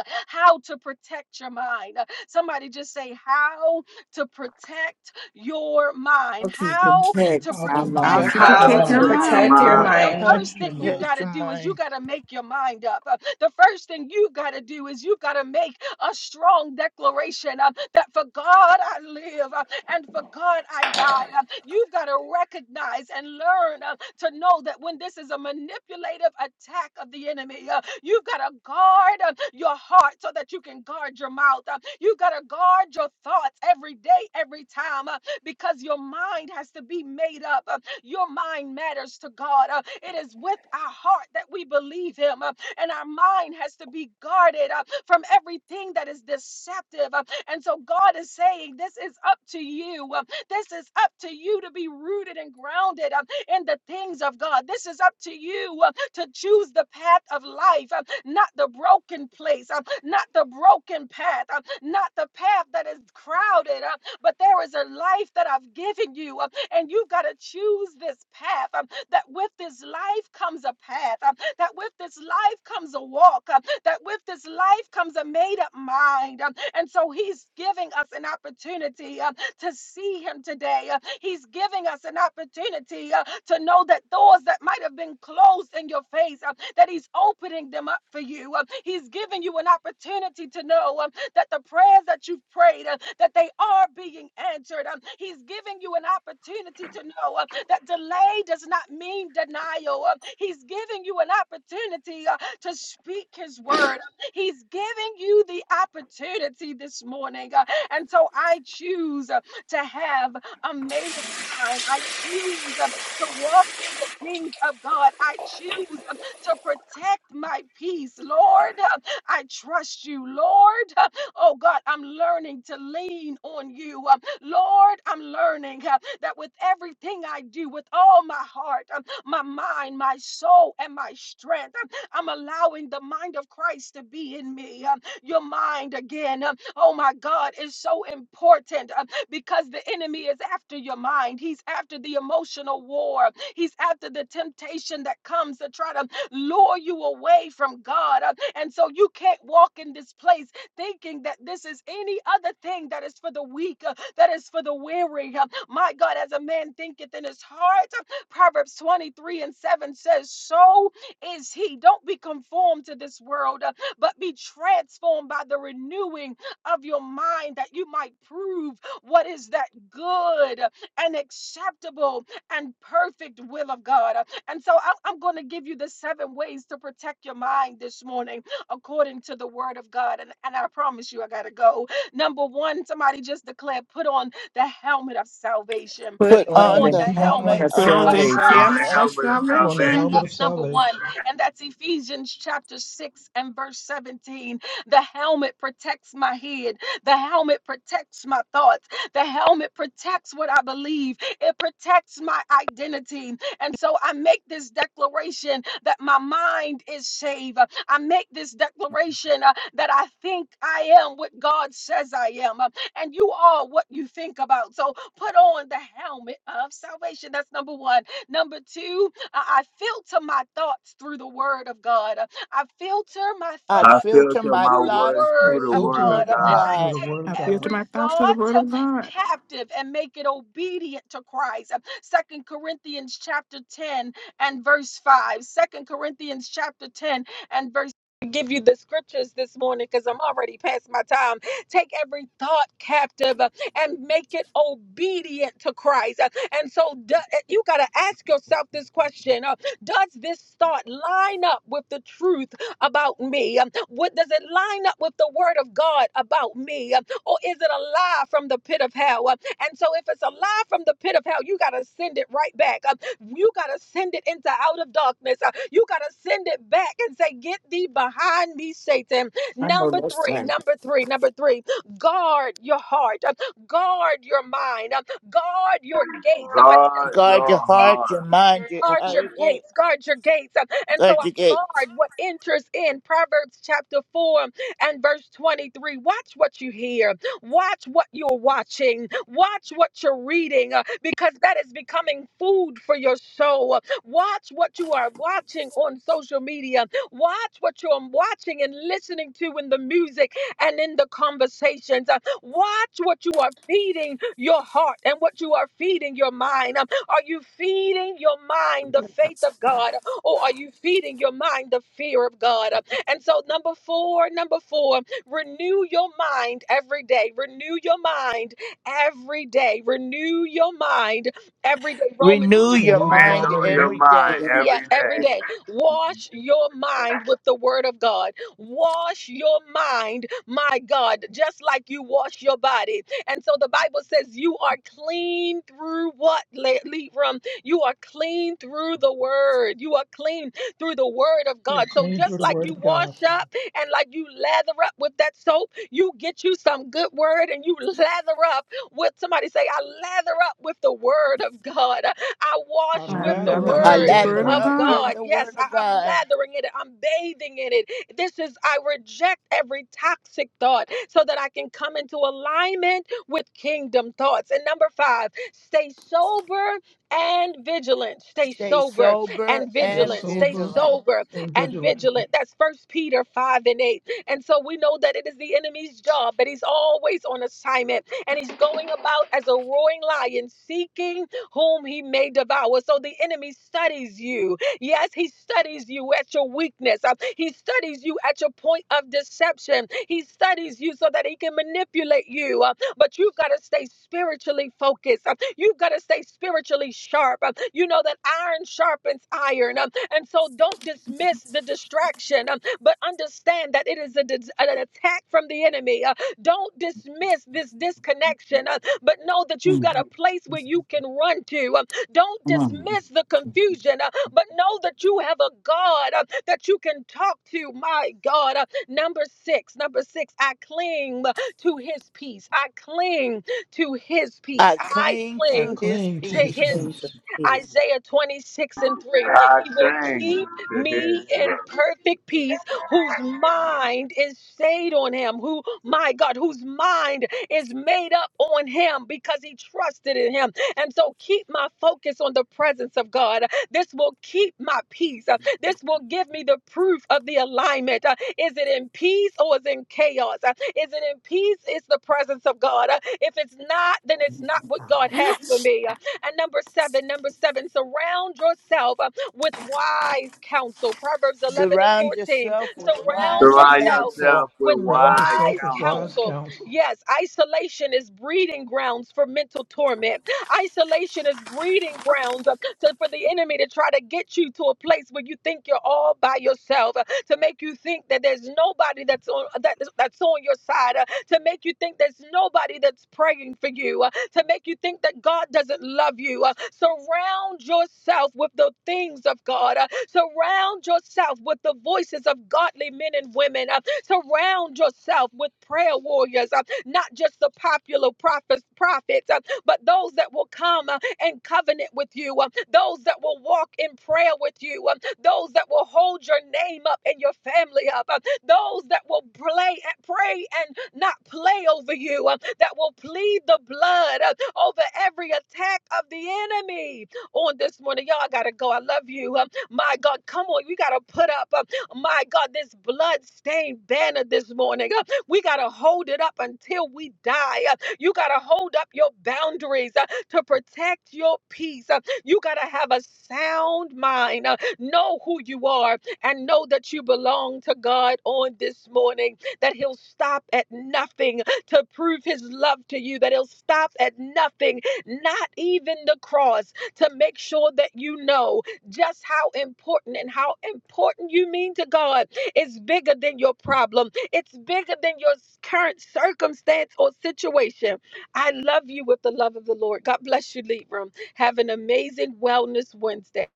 A: how to protect your mind. Somebody just say, How to protect your
C: How
A: mind.
C: to
A: How to
B: How
C: protect
A: protect
C: my
H: brother,
B: to
D: How
C: life.
D: to
B: protect
I: of
B: your
G: How
I: a
A: your
D: protect
G: to
D: your
B: mind.
A: mind.
I: your
A: And
G: protect
D: mind.
G: your
B: How
A: so
B: to
I: mind.
A: the
E: How
G: mind.
E: to
A: first
B: protect your
A: thing you've
B: mind.
A: got
E: protect
A: to
E: your
A: do is you
E: mind.
A: got to make your mind up. Uh, The first thing you've got to do is you've got to make a strong declaration uh, that for God I live uh, and for God I die. Uh, You've got to recognize and learn uh, to know that when this is a manipulative attack of the enemy, uh, you've got to guard uh, your heart so that you can guard your mouth. Uh, you've got to guard your thoughts every day, every time, uh, because your mind has to be made up. Uh, your mind matters to God. Uh, it is with our heart that we believe Him, uh, and our mind has to be guarded uh, from everything that is deceptive. Uh, and so God is saying, This is up to you. Uh, this is up to you to be rooted and grounded. Um, in the things of God. This is up to you uh, to choose the path of life, uh, not the broken place, uh, not the broken path, uh, not the path that is crowded, uh, but there is a life that I've given you, uh, and you've got to choose this path. um, That with this life comes a path, um, that with this life comes a walk, um, that with this life comes a made up mind. um, And so he's giving us an opportunity. um, to see him today. Uh, He's giving us an opportunity uh, to know that doors that might have been closed in your face, uh, that he's opening them up for you. Uh, He's giving you an opportunity to know um, that the prayers that you've prayed, uh, that they are being answered. Um, He's giving you an opportunity to know uh, that delay does not mean denial. Uh, He's giving you an opportunity uh, to speak his word. Um, He's giving you the opportunity this morning. Uh, And so I choose to have a made up mind. I choose um, to walk in the things of God. I choose um, to protect my peace, Lord. Uh, I trust you, Lord. Uh, Oh God, I'm learning to lean on you. Um, Lord, I'm learning uh, that with everything I do, with all my heart, um, my mind, my soul, and my strength, um, I'm allowing the mind of Christ to be in me. Um, Your mind again, um, oh my God, is so important. Um, because the enemy is after your mind. He's after the emotional war. He's after the temptation that comes to try to lure you away from God. Uh, And so you can't walk in this place thinking that this is any other thing that is for the weak, uh, that is for the weary. Uh, My God, as a man thinketh in his heart, uh, Proverbs 23 and 7 says, So is he. Don't be conformed to this world, uh, but be transformed by the renewing of your mind that you might prove what is that good and acceptable and perfect will of God. And so I- I'm going to give you the seven ways to protect your mind this morning according to the word of God. And, and I promise you, I got to go. Number one, somebody just declared, put on the helmet of salvation.
C: Put
E: Put
A: Put
C: on
E: on
A: on
C: the
E: the
A: the
C: helmet
E: helmet
A: helmet
C: of
D: Put
E: of
D: on
A: of
D: the
I: I
C: salvation.
D: helmet
E: salvation.
A: salvation
D: of
I: don't remember the
B: Put on the
A: that,
D: salvation.
B: helmet of
I: salvation.
A: that's number one.
B: salvation.
A: And that's Ephesians chapter 6 and verse 17. The helmet protects my head. The helmet protects my thoughts. The helmet protects what I believe. It protects my identity. And so I make this declaration that my mind is saved. I make this declaration uh, that I think I am what God says I am. Uh, And you are what you think about. So put on the helmet of salvation. That's number one. Number two, I I filter my thoughts through the word of God. I filter my
E: I
I: I
A: thoughts
E: filter
I: filter
E: my
I: my
A: through the
I: words
E: thoughts
B: I
I: through
A: word
I: the
E: through the
A: of
B: filter
I: word
B: my
A: God.
E: word
I: of
E: of
B: thoughts
I: God.
A: I
B: through the
E: God.
B: Word
D: I
B: of God.
D: built
A: every
D: my thoughts with the
A: thought
D: word
A: uh,
D: of God.
A: captive and make it obedient to Christ. Uh, Second Corinthians chapter 10 and verse 5. Second Corinthians chapter 10 and verse give you the scriptures this morning because I'm already past my time. Take every thought captive uh, and make it obedient to Christ. Uh, And so do- you got to ask yourself this question uh, Does this thought line up with the truth about me? Um, What does it line up with the word of God about me? Um, or is it a lie from the pit of hell? Uh, And so, if it's a lie from the pit of hell, you got to send it right back. Uh, You got to send it into out of darkness. Uh, You got to send it back and say, Get thee behind me, Satan.
C: I know
A: Number
C: that's
A: three,
C: right.
A: number three, number three, guard your heart, Uh, guard your mind, Uh, guard your gate. Somebody say,
I: Guard
A: Guard
E: Guard your
I: your
A: your gate
E: heart, your
I: heart.
E: mind, your
A: Guard your
E: eye gate.
A: gates, guard your gates. Uh, And so
E: Guard
A: I
E: your gate.
A: guard what enters in. Proverbs chapter 4 and verse 23. Watch what you hear, watch what you're watching, watch what you're reading, uh, because that is becoming food for your soul. Uh, Watch what you are watching on social media, watch what you're watching and listening to in the music and in the conversations. Uh, Watch what you are feeding your heart and what you are feeding your mind. Are you feeding your mind the faith of God? Or are you feeding your mind the fear of God? And so, number four, number four, renew your mind every day. Renew your mind every day. Renew your mind every day. Romans
E: Renew your
B: Renew your
E: mind
B: mind every
I: Renew your
B: day.
E: every
I: mind
E: day.
H: hallelujah,
A: yeah,
I: every
A: every
H: my
I: day.
A: day. Wash your mind with the word of God. Wash your mind, my God, just like you wash your body. And so the Bible says you are clean through what, Le- Libram? You are clean through the word. You are clean through the word of
B: We are
A: God. So
B: clean through
A: just
B: the
A: like
B: word
A: you
B: of God.
A: wash up and like you lather up with that soap, you get you some good word and you lather up with somebody say, I lather up with the word of God. I
B: I
A: wash
D: I
A: with the
B: lather
D: gather
B: up
D: up
B: with
E: I
B: the
D: with
C: Mm,
D: the
A: word
B: word of
D: word
E: lather
D: of
B: God.
A: of
E: up
D: God.
E: with
A: God.
E: the word
A: Yes, I,
E: of
A: I'm
E: God.
A: lathering in it. I'm bathing in it. This is, I reject every toxic thought so that I can come into alignment with kingdom thoughts. And number five, stay sober and vigilant. Stay
E: Stay
A: sober
E: sober
A: and
B: Stay
E: and
A: vigilant. Stay
B: sober
E: vigilant.
A: sober
B: and
A: and
B: vigilant.
A: vigilant. That's First Peter 5 and 8. And so we know that it is the enemy's job, but he's always on assignment and he's going about as a roaring lion seeking whom he may devour. So the enemy studies you. Yes, he studies you at your weakness. Uh, He studies you at your point of deception. He studies you so that he can manipulate you. Uh, But you've got to stay spiritually focused. Uh, You've got to stay spiritually sharp. Uh, You know that iron sharpens iron. Um, And so don't dismiss the distraction, um, but understand that it is a dis- an attack from the enemy. Uh, Don't dismiss this disconnection. Uh, but know that you've got a
C: come
A: place where you can run to. Um, Don't
C: on.
A: dismiss the confusion, uh, but know that you have a God uh, that you can talk to. My God. Uh, Number six, number six, I cling to his peace. I cling to his peace.
E: I
A: I
E: cling
B: I
E: to
A: cling
E: his
B: cling to
A: to
B: his
A: his
E: peace.
H: Prince of
B: peace.
H: Peace.
A: Isaiah 26 and 3.
I: I
A: He will
I: thank
A: keep
I: the
A: me
I: hearing.
A: in perfect peace, whose mind is stayed on him, who, my God, whose mind is made up on him because he trusted in him. And so keep my focus on the presence of God. This will keep my peace. Uh, This will give me the proof of the alignment. Uh, Is it in peace or is it in chaos? Uh, Is it in peace? It's the presence of God. Uh, If it's not, then it's not what God has for me. And number seven, number seven, surround yourself uh, with wise counsel. Proverbs 11 and
E: Surround
A: 14.
E: yourself with
A: Surround
E: wise
I: Surround
A: yourself
I: yourself
E: counsel.
I: with
A: with
B: Surround
I: wise
B: yourself
A: wise
B: with
I: counsel
B: wise
A: counsel.
B: counsel.
A: Yes, isolation is breeding grounds for mental torment. Isolation is breeding grounds uh, to, for the enemy to try to get you to a place where you think you're all by yourself, uh, to make you think that there's nobody that's on that, that's on your side, uh, to make you think there's nobody that's praying for you, uh, to make you think that God doesn't love you. Uh, surround yourself with the things of God. Uh, surround yourself with the voices of godly men and women. Uh, surround yourself with prayer warriors, uh, not just the popular prophets, prophets, uh, but those that will come. uh, in covenant with you, uh, those that will walk in prayer with you, uh, those that will hold your name up and your family up, uh, those that will play, pray and not play over you, uh, that will plead the blood uh, over every attack of the enemy on this morning. Y'all gotta go. I love you. Um, my God, come on. We gotta put up, um, my God, this blood-stained banner this morning. Uh, we gotta hold it up until we die. Uh, you gotta hold up your boundaries. Uh, to protect your peace. Uh, You got to have a sound mind. Uh, Know who you are and know that you belong to God on this morning, that He'll stop at nothing to prove His love to you, that He'll stop at nothing, not even the cross, to make sure that you know just how important and how important you mean to God. It's bigger than your problem, it's bigger than your current circumstance or situation I love you with the love of the Lord. God bless you, Libram. Have an amazing Wellness Wednesday.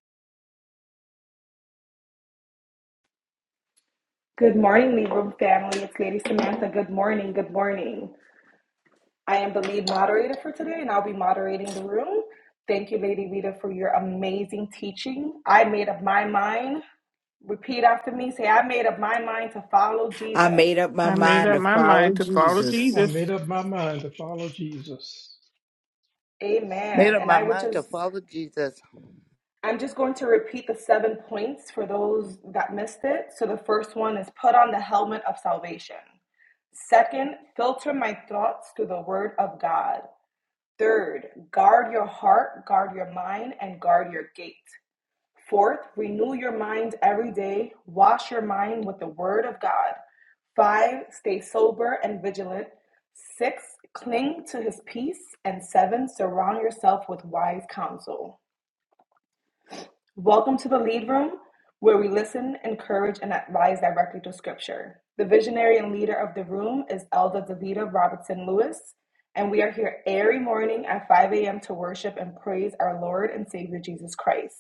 G: Good morning, Libra family. It's Lady Samantha. Good morning. Good morning. I am the lead moderator for today, and I'll be moderating the room. Thank you, Lady Vita, for your amazing teaching. I made up my mind. Repeat after me. Say, I made up my mind to follow
C: I
G: Jesus.
C: made up my
D: I made
C: mind
D: up
C: to
D: my
C: follow
D: mind to follow
C: Jesus.
B: I
D: Jesus.
B: made up my mind to follow Jesus.
E: Made
G: Amen.
E: up
G: And
E: my
G: I would
E: mind to
G: just,
E: follow Jesus.
G: I'm just going to repeat the seven points for those that missed it. So the first one is put on the helmet of salvation. Second, filter my thoughts through the word of God. Third, guard your heart, guard your mind, and guard your gate. Fourth, renew your mind every day. Wash your mind with the word of God. Five, stay sober and vigilant. Six, cling to his peace. And seven, surround yourself with wise counsel. Welcome to the lead room where we listen, encourage, and advise directly to scripture. The visionary and leader of the room is Elder Davida Robertson Lewis, and we are here every morning at 5 a.m. to worship and praise our Lord and Savior Jesus Christ.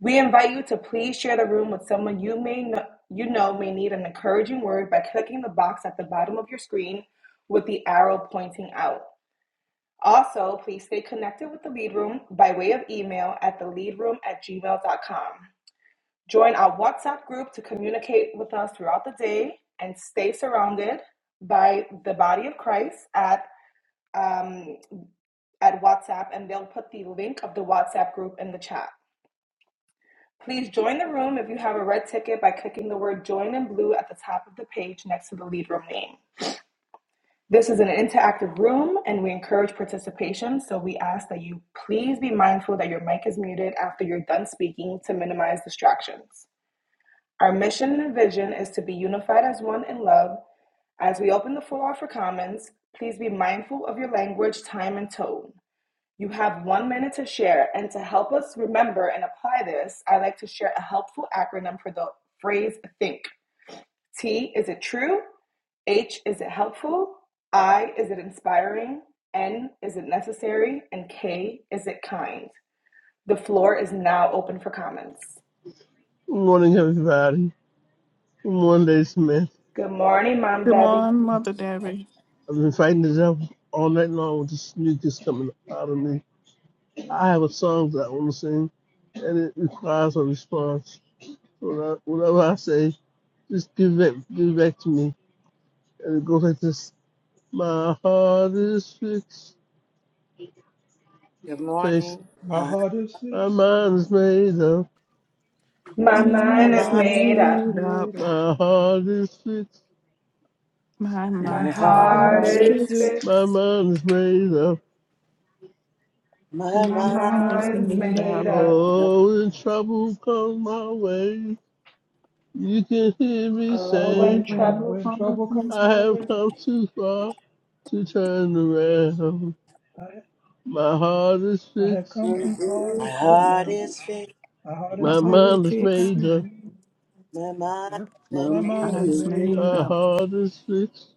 G: We invite you to please share the room with someone you may know, you know may need an encouraging word by clicking the box at the bottom of your screen with the arrow pointing out. Also, please stay connected with the lead room by way of email at theleadroom at gmail.com. Join our WhatsApp group to communicate with us throughout the day and stay surrounded by the body of Christ at um, at WhatsApp, and they'll put the link of the WhatsApp group in the chat. Please join the room if you have a red ticket by clicking the word join in blue at the top of the page next to the lead room name. This is an interactive room and we encourage participation, so we ask that you please be mindful that your mic is muted after you're done speaking to minimize distractions. Our mission and vision is to be unified as one in love. As we open the floor for comments, please be mindful of your language, time, and tone. You have one minute to share. And to help us remember and apply this, I like to share a helpful acronym for the phrase think. T, is it true? H, is it helpful? I, is it inspiring? N, is it necessary? And K, is it kind? The floor is now open for comments.
J: Good morning, everybody. Good morning, Lady Smith.
G: Good morning, Mom
D: Good
G: Debbie.
D: morning, Mother Debbie.
J: I've been fighting this up all night long with this mucus coming out of me. I have a song that I want to sing, and it requires a response. When I- Whatever I say, just give it, give it back to me. And it goes like this. My heart is fixed,
H: Good
J: place.
H: morning.
B: My
H: My,
B: heart is
J: My
B: fixed.
J: mind is made up.
G: My
D: My
H: my,
G: mind
D: mind
G: is
D: is
B: My
H: my,
G: made
B: mind is
G: up.
D: made
B: made
D: up.
B: up.
J: My heart is fixed.
D: My
G: My
H: my
D: mind
H: heart,
B: My
G: heart
B: heart
D: is
B: is
G: is
D: fixed.
B: fixed.
G: fixed.
J: My mind is made up.
H: my
G: My
D: My
B: My
H: mind,
D: mind is
B: mind
G: mind's
H: is
B: is
D: made
G: made
D: up.
B: made
G: up.
B: up.
H: up.
J: Oh, when trouble comes my way, you can hear me
G: Oh,
J: say.
G: when
D: All
B: Oh,
G: trouble
B: when
D: the
B: trouble
D: things
B: comes
J: I
D: I
B: my way,
J: have
D: way.
J: come too far to turn around.
B: I,
J: My heart is
B: I have
J: fixed,
B: come too far
H: my
B: to turn
H: heart
B: around.
H: is fixed.
B: My heart
D: My
B: is
J: my
D: heart
B: fixed.
D: is
J: mind is
D: fixed.
J: made
C: Come
J: up.
C: on.
H: My mind,
C: Up
K: My
H: is up.
B: My
K: mind
D: My
B: mind is
D: mind's
K: is
B: made
K: sick,
B: up.
D: made
J: My
D: up.
J: heart is fixed,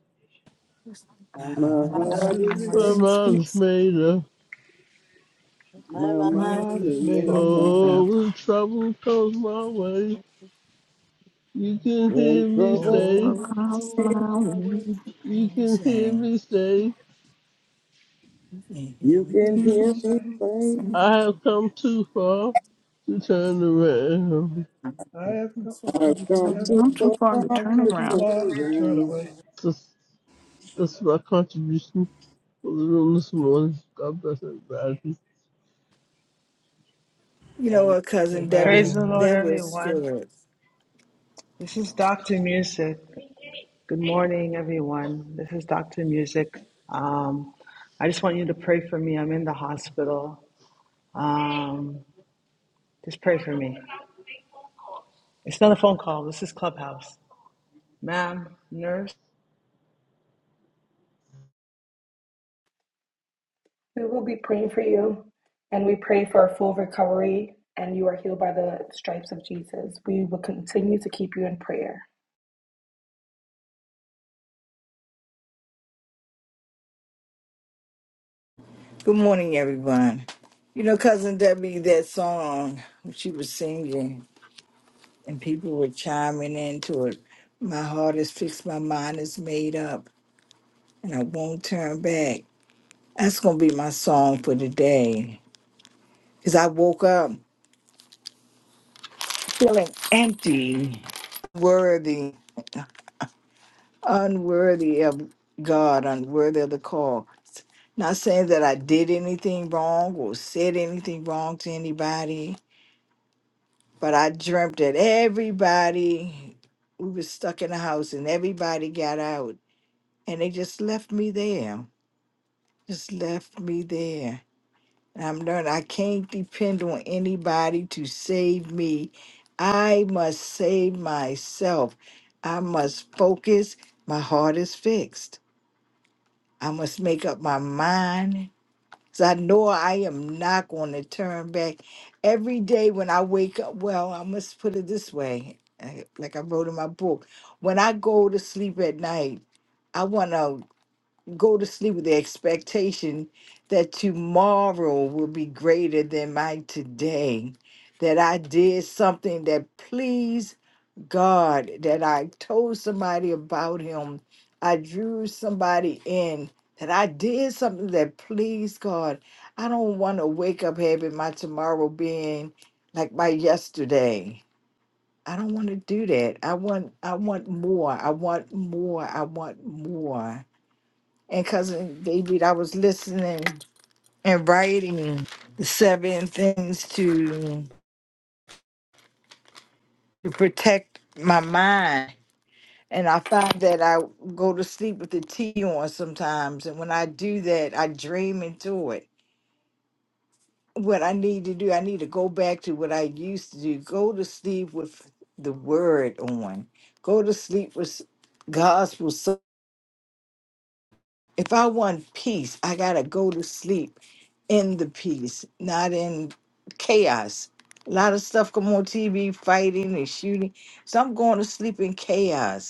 C: the
H: my
K: my
B: My
H: heart,
B: heart
K: heart
B: is
K: is
J: my
K: sick,
C: mountains.
B: fixed,
D: Nobody's
J: mind is
D: fixing
J: made up.
K: my
H: my
B: my
H: mind.
K: mind is
B: mind is made up.
K: laid out.
D: me
J: Oh,
D: up
J: when trouble comes my way, you can
K: When
J: hear me
K: trouble,
J: say,
B: Oh, when
D: across
B: trouble
D: my
B: comes my way,
D: way.
C: Hear
J: you
C: me
J: can hear
C: sing.
J: me say,
C: You can hear
K: you
C: me
B: you can
K: can
D: He
B: hear me
K: hear
C: sing.
D: can't
B: say,
K: me say,
D: send-
J: I have come too far to turn around.
B: I have come,
C: It's hard
K: I've
C: to
B: I
K: come
D: No,
C: tell.
B: have,
D: it's
K: too
D: not too
K: far
D: far to
B: I have
D: turn
B: come too
D: around.
B: far to turn
K: around.
B: away.
J: That's, that's my contribution for the room this morning. God bless everybody.
C: You know
H: Amen.
C: what, cousin
B: Amen,
C: Debbie?
L: Praise the
B: amen,
L: Lord,
C: That was
L: everyone.
C: good.
L: This is Dr. Music. Good morning, everyone. This is Dr. Music. Um, I just want you to pray for me. I'm in the hospital. Um, just pray for me. It's not a phone call. This is Clubhouse. Ma'am, nurse,
G: We will be praying for you, and we pray for a full recovery, and you are healed by the stripes of Jesus. We will continue to keep you in prayer.
C: Good morning, everyone. You know, cousin Debbie, that song she was singing, and people were chiming into it. My heart is fixed, my mind is made up, and I won't turn back. That's gonna be my song for today. Cause I woke up feeling empty, worthy. unworthy of God, unworthy of the call. Not saying that I did anything wrong or said anything wrong to anybody, but I dreamt that everybody, we were stuck in a house and everybody got out and they just left me there, just left me there. And I'm learning I can't depend on anybody to save me. I must save myself. I must focus. My heart is fixed. I must make up my mind. Cause I know I am not going to turn back. Every day when I wake up, well, I must put it this way, eh, like I wrote in my book. When I go to sleep at night, I want to go to sleep with the expectation that tomorrow will be greater than my today. That I did something that pleased God that I told somebody about him. I drew somebody in that I did something that pleased God. I don't want to wake up having my tomorrow being like my yesterday. I don't want to do that. I want I want more. I want more. I want more. And cousin David, I was listening and writing the seven things to, to protect my mind And I find that I go to sleep with the tea on sometimes. And when I do that, I dream into it. What I need to do, I need to go back to what I used to do. Go to sleep with the word on. Go to sleep with gospel. So if I want peace, I gotta go to sleep in the peace, not in chaos. A lot of stuff come on TV, fighting and shooting. So I'm going to sleep in chaos.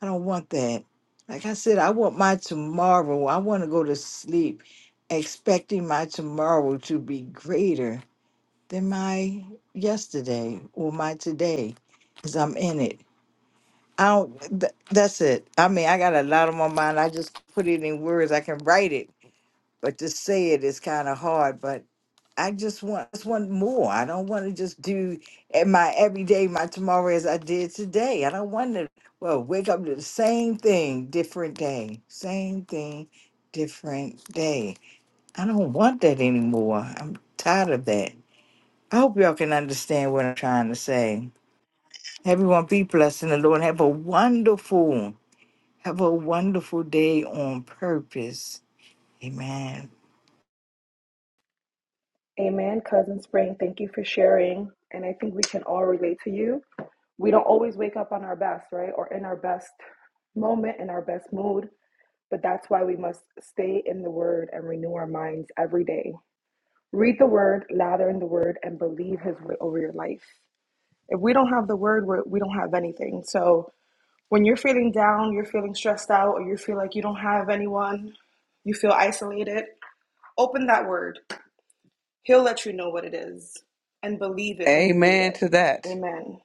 C: I don't want that. Like I said, I want my tomorrow. I want to go to sleep expecting my tomorrow to be greater than my yesterday or my today because I'm in it. I don't, th- that's it. I mean, I got a lot on my mind. I just put it in words. I can write it but to say it is kind of hard. But I just want just want more. I don't want to just do at my every day, my tomorrow as I did today. I don't want to well wake up to the same thing, different day, same thing, different day. I don't want that anymore. I'm tired of that. I hope y'all can understand what I'm trying to say. Everyone be blessed in the Lord. Have a wonderful, have a wonderful day on purpose. Amen.
G: Amen. Cousin Spring, thank you for sharing. And I think we can all relate to you. We don't always wake up on our best, right? Or in our best moment, in our best mood. But that's why we must stay in the word and renew our minds every day. Read the word, lather in the word, and believe his word over your life. If we don't have the word, we're, we don't have anything. So when you're feeling down, you're feeling stressed out, or you feel like you don't have anyone, you feel isolated, open that word. He'll let you know what it is and believe it when you read
F: Amen
G: it.
F: to that.
G: Amen.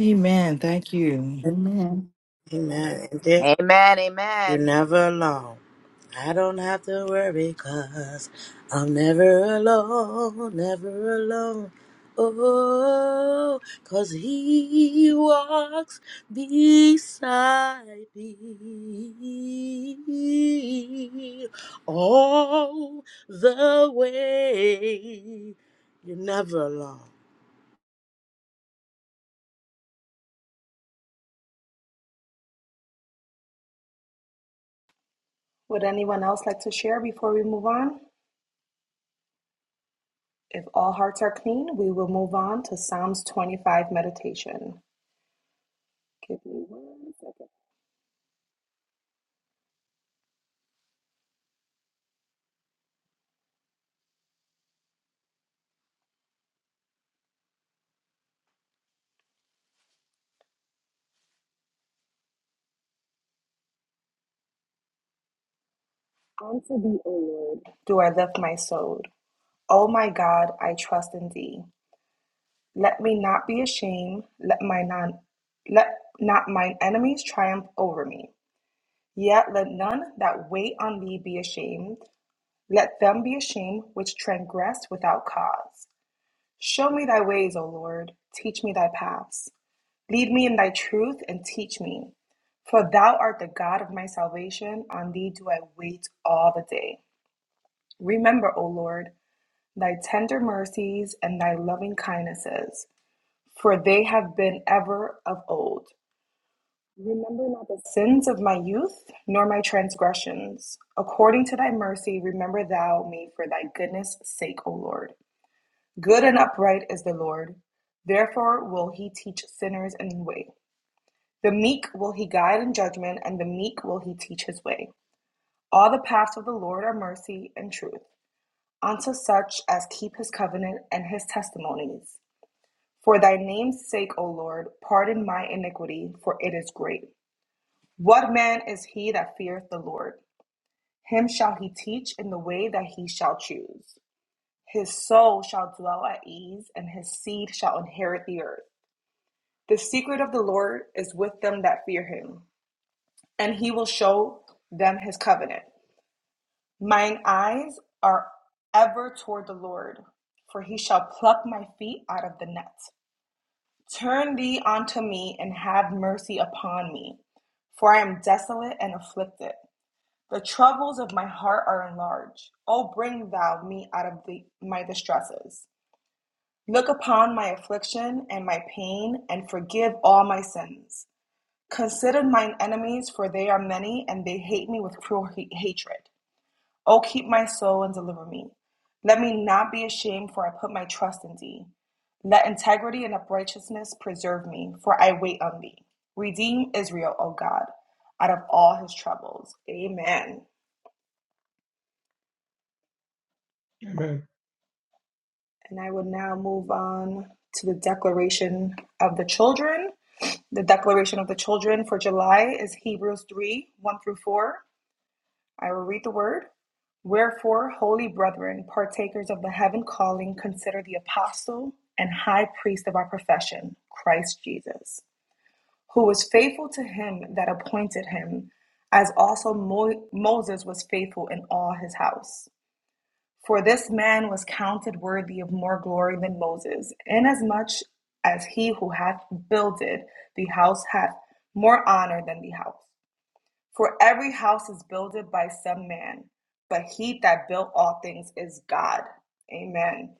C: Amen. Thank you.
D: Amen.
H: Amen.
M: Amen.
H: You're
M: Amen.
H: never alone. I don't have to worry i I'm never alone, never alone. oh, 'cause he walks beside me all the way. You're never alone.
G: Would anyone else like to share before we move on? If all hearts are clean, we will move on to Psalms 25 meditation. Give me one second. Unto thee, O Lord, do I lift my soul. O my God, I trust in thee. Let me not be ashamed. Let my non, let not mine enemies triumph over me. Yet let none that wait on thee be ashamed. Let them be ashamed which transgress without cause. Show me thy ways, O Lord. Teach me thy paths. Lead me in thy truth and teach me. For thou art the God of my salvation. On thee do I wait all the day. Remember, O Lord, thy tender mercies and thy loving kindnesses For they have been ever of old. The sins of my youth, nor my transgressions. According to thy mercy, remember thou me for thy goodness' sake, O Lord. Good and upright is the Lord. Therefore will he teach sinners in the way. The meek will he guide in judgment, and the meek will he teach his way. All the paths of the Lord are mercy and truth unto such as keep his covenant and his testimonies. For thy name's sake, O Lord, pardon my iniquity, for it is great. What man is he that feareth the Lord? Him shall he teach in the way that he shall choose. His soul shall dwell at ease, and his seed shall inherit the earth. The secret of the Lord is with them that fear him, and he will show them his covenant. Mine eyes are ever toward the Lord, for he shall pluck my feet out of the net. Turn thee unto me, and have mercy upon me, for I am desolate and afflicted. The troubles of my heart are enlarged. O bring thou me out of the, my distresses. Look upon my affliction and my pain, and forgive all my sins. Consider mine enemies, for they are many, and they hate me with cruel ha- hatred. O keep my soul and deliver me. Let me not be ashamed, for I put my trust in thee. Let integrity and uprightness preserve me, for I wait on thee. Redeem Israel, O God, out of all his troubles. Amen.
B: amen,
G: And I would now move on to the Declaration of the Children. The Declaration of the Children for July is Hebrews 3 1 through 4. I will read the word. Wherefore, holy brethren, partakers of the heaven calling, consider the apostle and high priest of our profession, Christ Jesus, who was faithful to him that appointed him, as also Mo- Moses was faithful in all his house. For this man was counted worthy of more glory than Moses, inasmuch as he who hath builded the house hath more honor than the house. For every house is builded by some man, but he that built all things is God. Amen.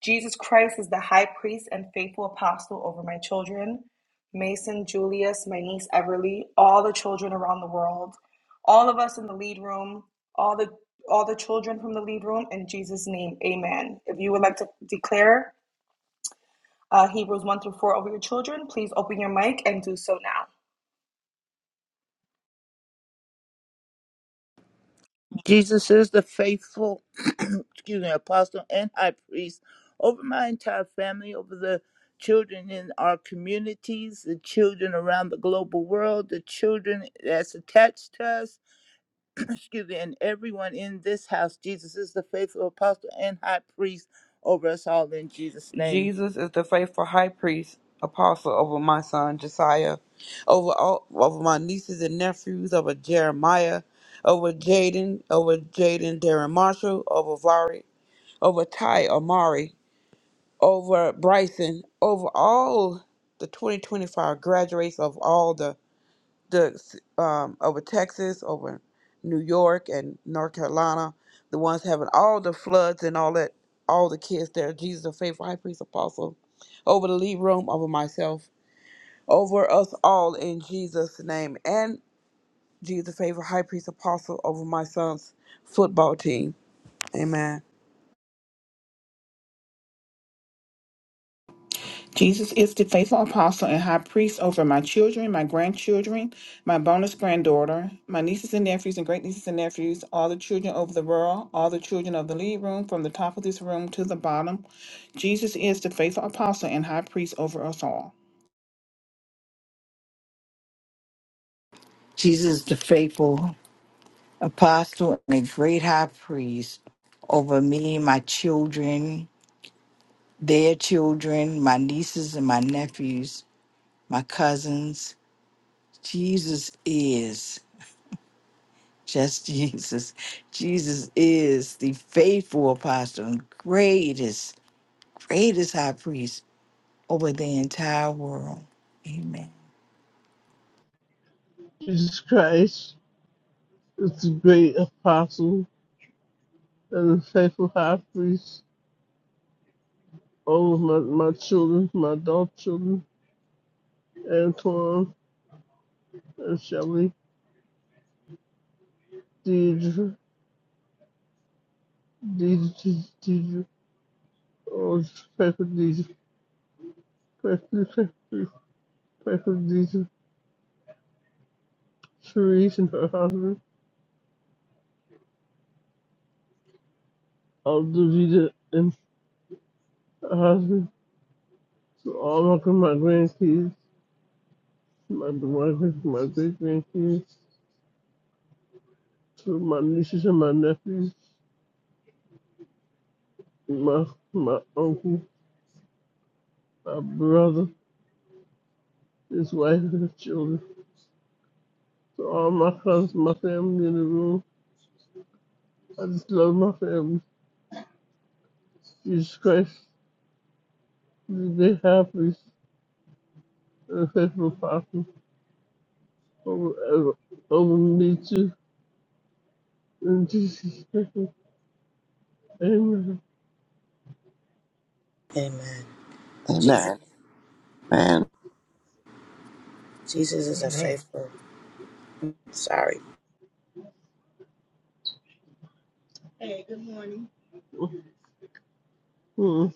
G: Jesus Christ is the high priest and faithful apostle over my children, Mason, Julius, my niece Everly, all the children around the world, all of us in the lead room, all the all the children from the lead room, in Jesus' name, Amen. If you would like to declare uh, Hebrews one through four over your children, please open your mic and do so now.
E: Jesus is the faithful, excuse me, apostle and high priest over my entire family, over the children in our communities, the children around the global world, the children that's attached to us, excuse me, and everyone in this house. Jesus is the faithful apostle and high priest over us all in Jesus' name.
F: Jesus is the faithful high priest, apostle over my son Josiah, over all, over my nieces and nephews, over Jeremiah, over Jaden, over Jaden Darren Marshall, over Vari, over Ty Amari, over Bryson, over all the 2025 graduates of all the the um, over Texas, over New York and North Carolina, the ones having all the floods and all that, all the kids there. Jesus, the faithful high priest apostle, over the lead room, over myself, over us all in Jesus' name, and Jesus, the faithful high priest apostle, over my son's football team. Amen.
D: Jesus is the faithful apostle and high priest over my children, my grandchildren, my bonus granddaughter, my nieces and nephews and great nieces and nephews, all the children over the world, all the children of the lead room, from the top of this room to the bottom. Jesus is the faithful apostle and high priest over us all.
C: Jesus, the faithful apostle and a great high priest over me, my children, their children, my nieces and my nephews, my cousins. Jesus is just Jesus. Jesus is the faithful apostle and greatest, greatest high priest over the entire world. Amen.
J: Jesus Christ. It's the great apostle and the faithful high priest over my, my children, my adult children, Antoine and Shelly, Deidre, Deidre, Deidre, oh, faithful Deidre, faithful, faithful, faithful Deidre, Therese and her husband, all Aldovita and her husband, to all of my grandkids, my, my, my great grandkids, to my nieces and my nephews, my, my uncle, my brother, his wife and his children, to all my cousins, my family in the room. I just love my family. Jesus Christ, the big high priest and faithful apostle over, over me too. In Jesus' name, amen.
H: Amen. Jesus, Jesus is a
B: amen.
H: faithful. Sorry.
J: Mm.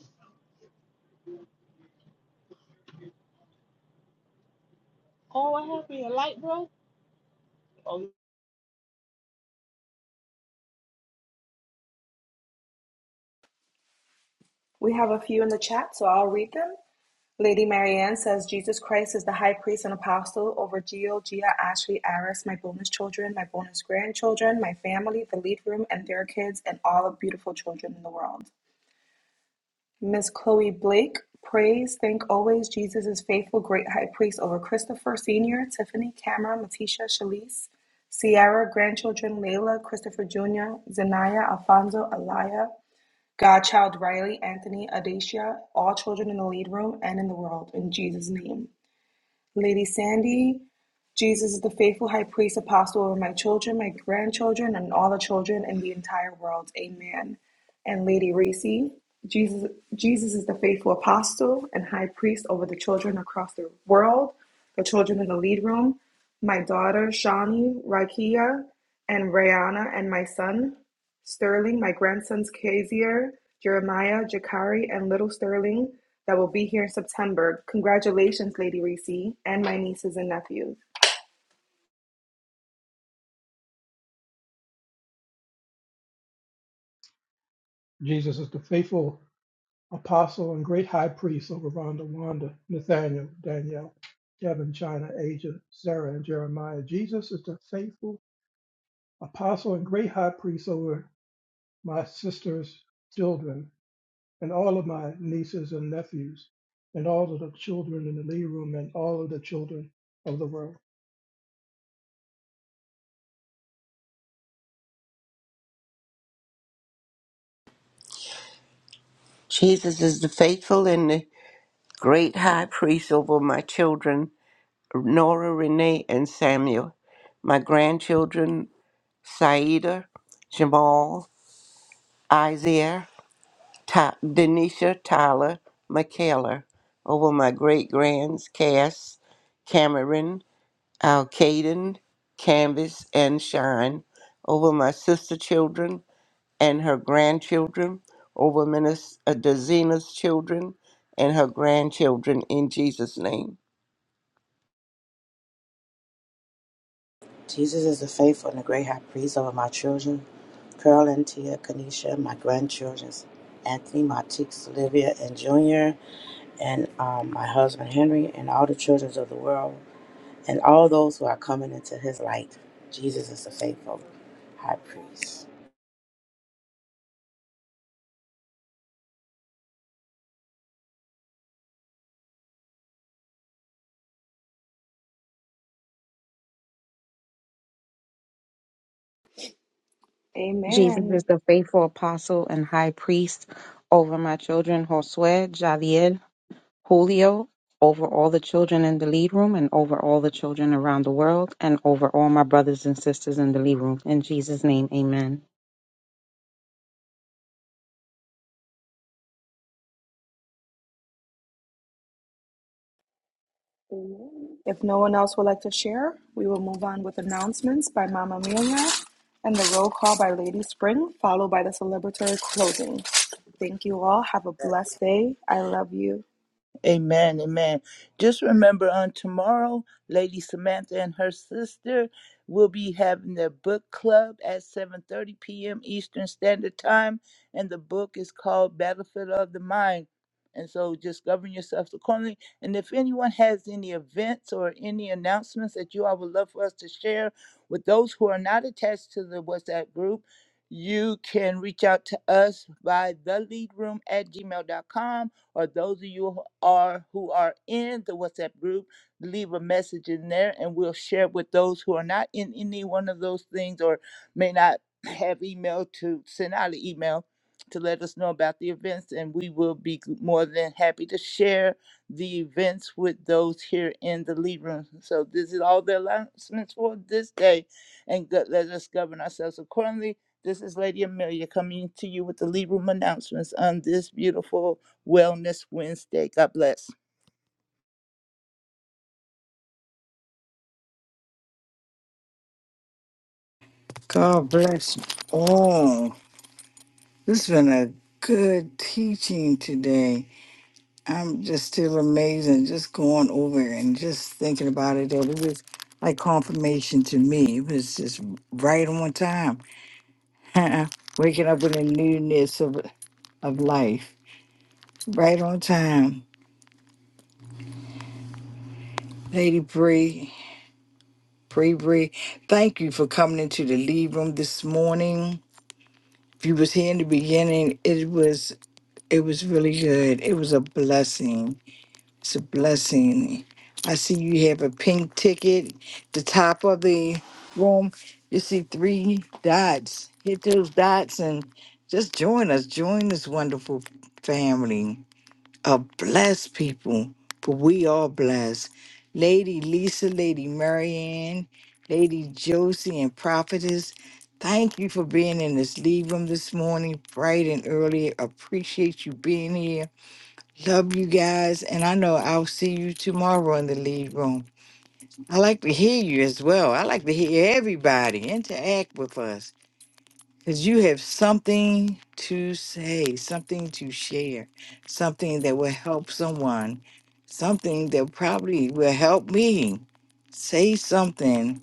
G: We have a few in the chat, so I'll read them. Lady Marianne says Jesus Christ is the high priest and apostle over Gio, Gia, Ashley, Aris, my bonus children, my bonus grandchildren, my family, the lead room, and their kids, and all the beautiful children in the world. Miss Chloe Blake, praise, thank always Jesus is faithful, great high priest over Christopher Sr., Tiffany, Cameron, Matisha, Shalise, Sierra, grandchildren, Layla, Christopher Jr., Zanaya, Alfonso, Alaya, Godchild Riley, Anthony, Adacia, all children in the lead room and in the world, in Jesus' name. Lady Sandy, Jesus is the faithful high priest apostle over my children, my grandchildren, and all the children in the entire world. Amen. And Lady Racy, Jesus, Jesus is the faithful apostle and high priest over the children across the world, the children in the lead room, my daughter Shani, Rakia, and Rayana, and my son. Sterling, my grandsons Kaiser, Jeremiah, Jakari, and little Sterling that will be here in September. Congratulations, Lady Reese, and my nieces and nephews.
B: Jesus is the faithful apostle and great high priest over Rhonda, Wanda, Nathaniel, Danielle, Kevin, China, Asia, Sarah, and Jeremiah. Jesus is the faithful apostle and great high priest over my sisters' children, and all of my nieces and nephews, and all of the children in the lead room, and all of the children of the world.
K: Jesus is the faithful and the great high priest over my children, Nora, Renee, and Samuel, my grandchildren, Saida, Jamal, Isaiah, Ta- Denisha, Tyler, Michaela, over my great grands, Cass, Cameron, our Caden, Canvas, and Shine, over my sister children and her grandchildren, over Minister Dezina's children and her grandchildren in Jesus' name.
H: Jesus is the faithful and the great high priest over my children, Carol and Tia, Kanisha, my grandchildren, Anthony, my Teeks, Olivia, and Junior, and um, my husband Henry, and all the children of the world, and all those who are coming into his light. Jesus is the faithful high priest.
N: Jesus
G: Amen.
N: is the faithful apostle and high priest over my children, Josue, Javier, Julio, over all the children in the lead room and over all the children around the world and over all my brothers and sisters in the lead room. In Jesus' name, amen.
G: Amen. If no one else would like to share, we will move on with announcements by Mama Amelia and the roll call by Lady Spring, followed by the celebratory closing. Thank you all. Have a blessed day. I love you.
E: Amen, amen. Just remember on tomorrow, Lady Samantha and her sister will be having their book club at 7:30 p.m. Eastern Standard Time, and the book is called Battlefield of the Mind. And so just govern yourself accordingly. And if anyone has any events or any announcements that you all would love for us to share with those who are not attached to the WhatsApp group, you can reach out to us by theleadroom at gmail.com or those of you who are who are in the WhatsApp group, leave a message in there and we'll share with those who are not in any one of those things or may not have email to send out an email to let us know about the events and we will be g- more than happy to share the events with those here in the lead room. So this is all the announcements for this day and go- let us govern ourselves accordingly. This is Lady Amelia coming to you with the lead room announcements on this beautiful Wellness Wednesday. God bless.
C: God bless you all. This has been a good teaching today. I'm just still amazed and just going over and just thinking about it. That it was like confirmation to me. It was just right on time. Waking up in the newness of of life, right on time. Lady Bree, Bree Bree, thank you for coming into the lead room this morning. If you was here in the beginning, it was it was really good. It was a blessing It's a blessing. I see you have a pink ticket. The top of the room, you see three dots. Hit those dots and just join us. Join this wonderful family of blessed people. For we are blessed. Lady Lisa, Lady Marianne, Lady Josie, and Prophetess, thank you for being in this lead room this morning, bright and early. Appreciate you being here. Love you guys, and I know I'll see you tomorrow in the lead room. I like to hear you as well. I like to hear everybody interact with us because you have something to say, something to share, something that will help someone, something that probably will help me. Say something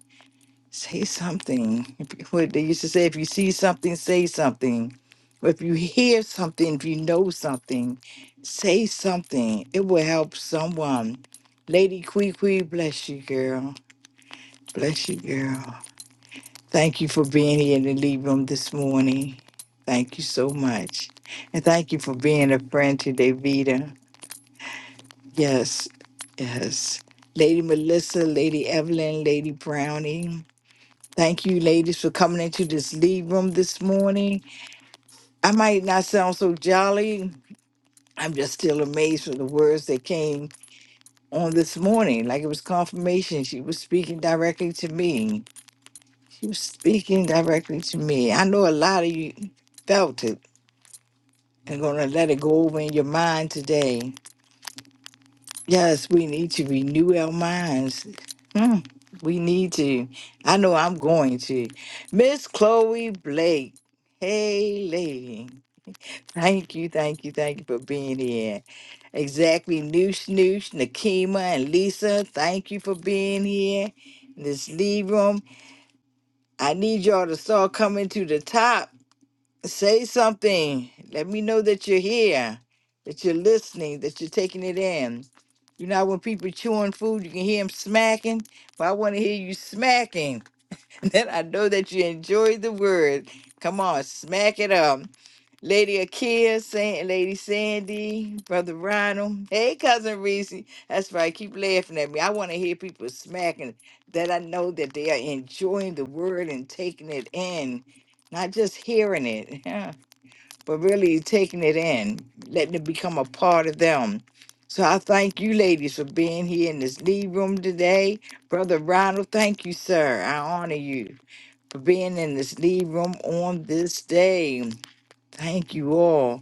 C: Say something. If, you- what they used to say, if you see something, say something. Or If you hear something, if you know something, say something. It will help someone. Lady Quee Quee, bless you, girl. Bless you, girl. Thank you for being here in the lead room this morning. Thank you so much. And thank you for being a friend today, Vita. Yes, yes. Lady Melissa, Lady Evelyn, Lady Brownie. Thank you, ladies, for coming into this lead room this morning. I might not sound so jolly. I'm just still amazed with the words that came on this morning. Like it was confirmation. She was speaking directly to me. She was speaking directly to me. I know a lot of you felt it and going to let it go over in your mind today. Yes, we need to renew our minds. Hmm, we need to. I know I'm going to. Miss Chloe Blake. Hey, lady. Thank you, thank you, thank you for being here. Exactly, Noosh Noosh, Nakima, and Lisa, thank you for being here. Let's leave room. I need y'all to start coming to the top. Say something. Let me know that you're here, that you're listening, that you're taking it in. You know, how when people chewing food, you can hear them smacking. But I want to hear you smacking. Then I know that you enjoy the word. Come on, smack it up. Lady Akia, Saint, Lady Sandy, Brother Ronald. Hey, Cousin Reese. That's right. Keep laughing at me. I want to hear people smacking that I know that they are enjoying the word and taking it in, not just hearing it, yeah, but really taking it in, letting it become a part of them. So I thank you, ladies, for being here in this lead room today. Brother Ronald, thank you, sir. I honor you for being in this lead room on this day. Thank you all.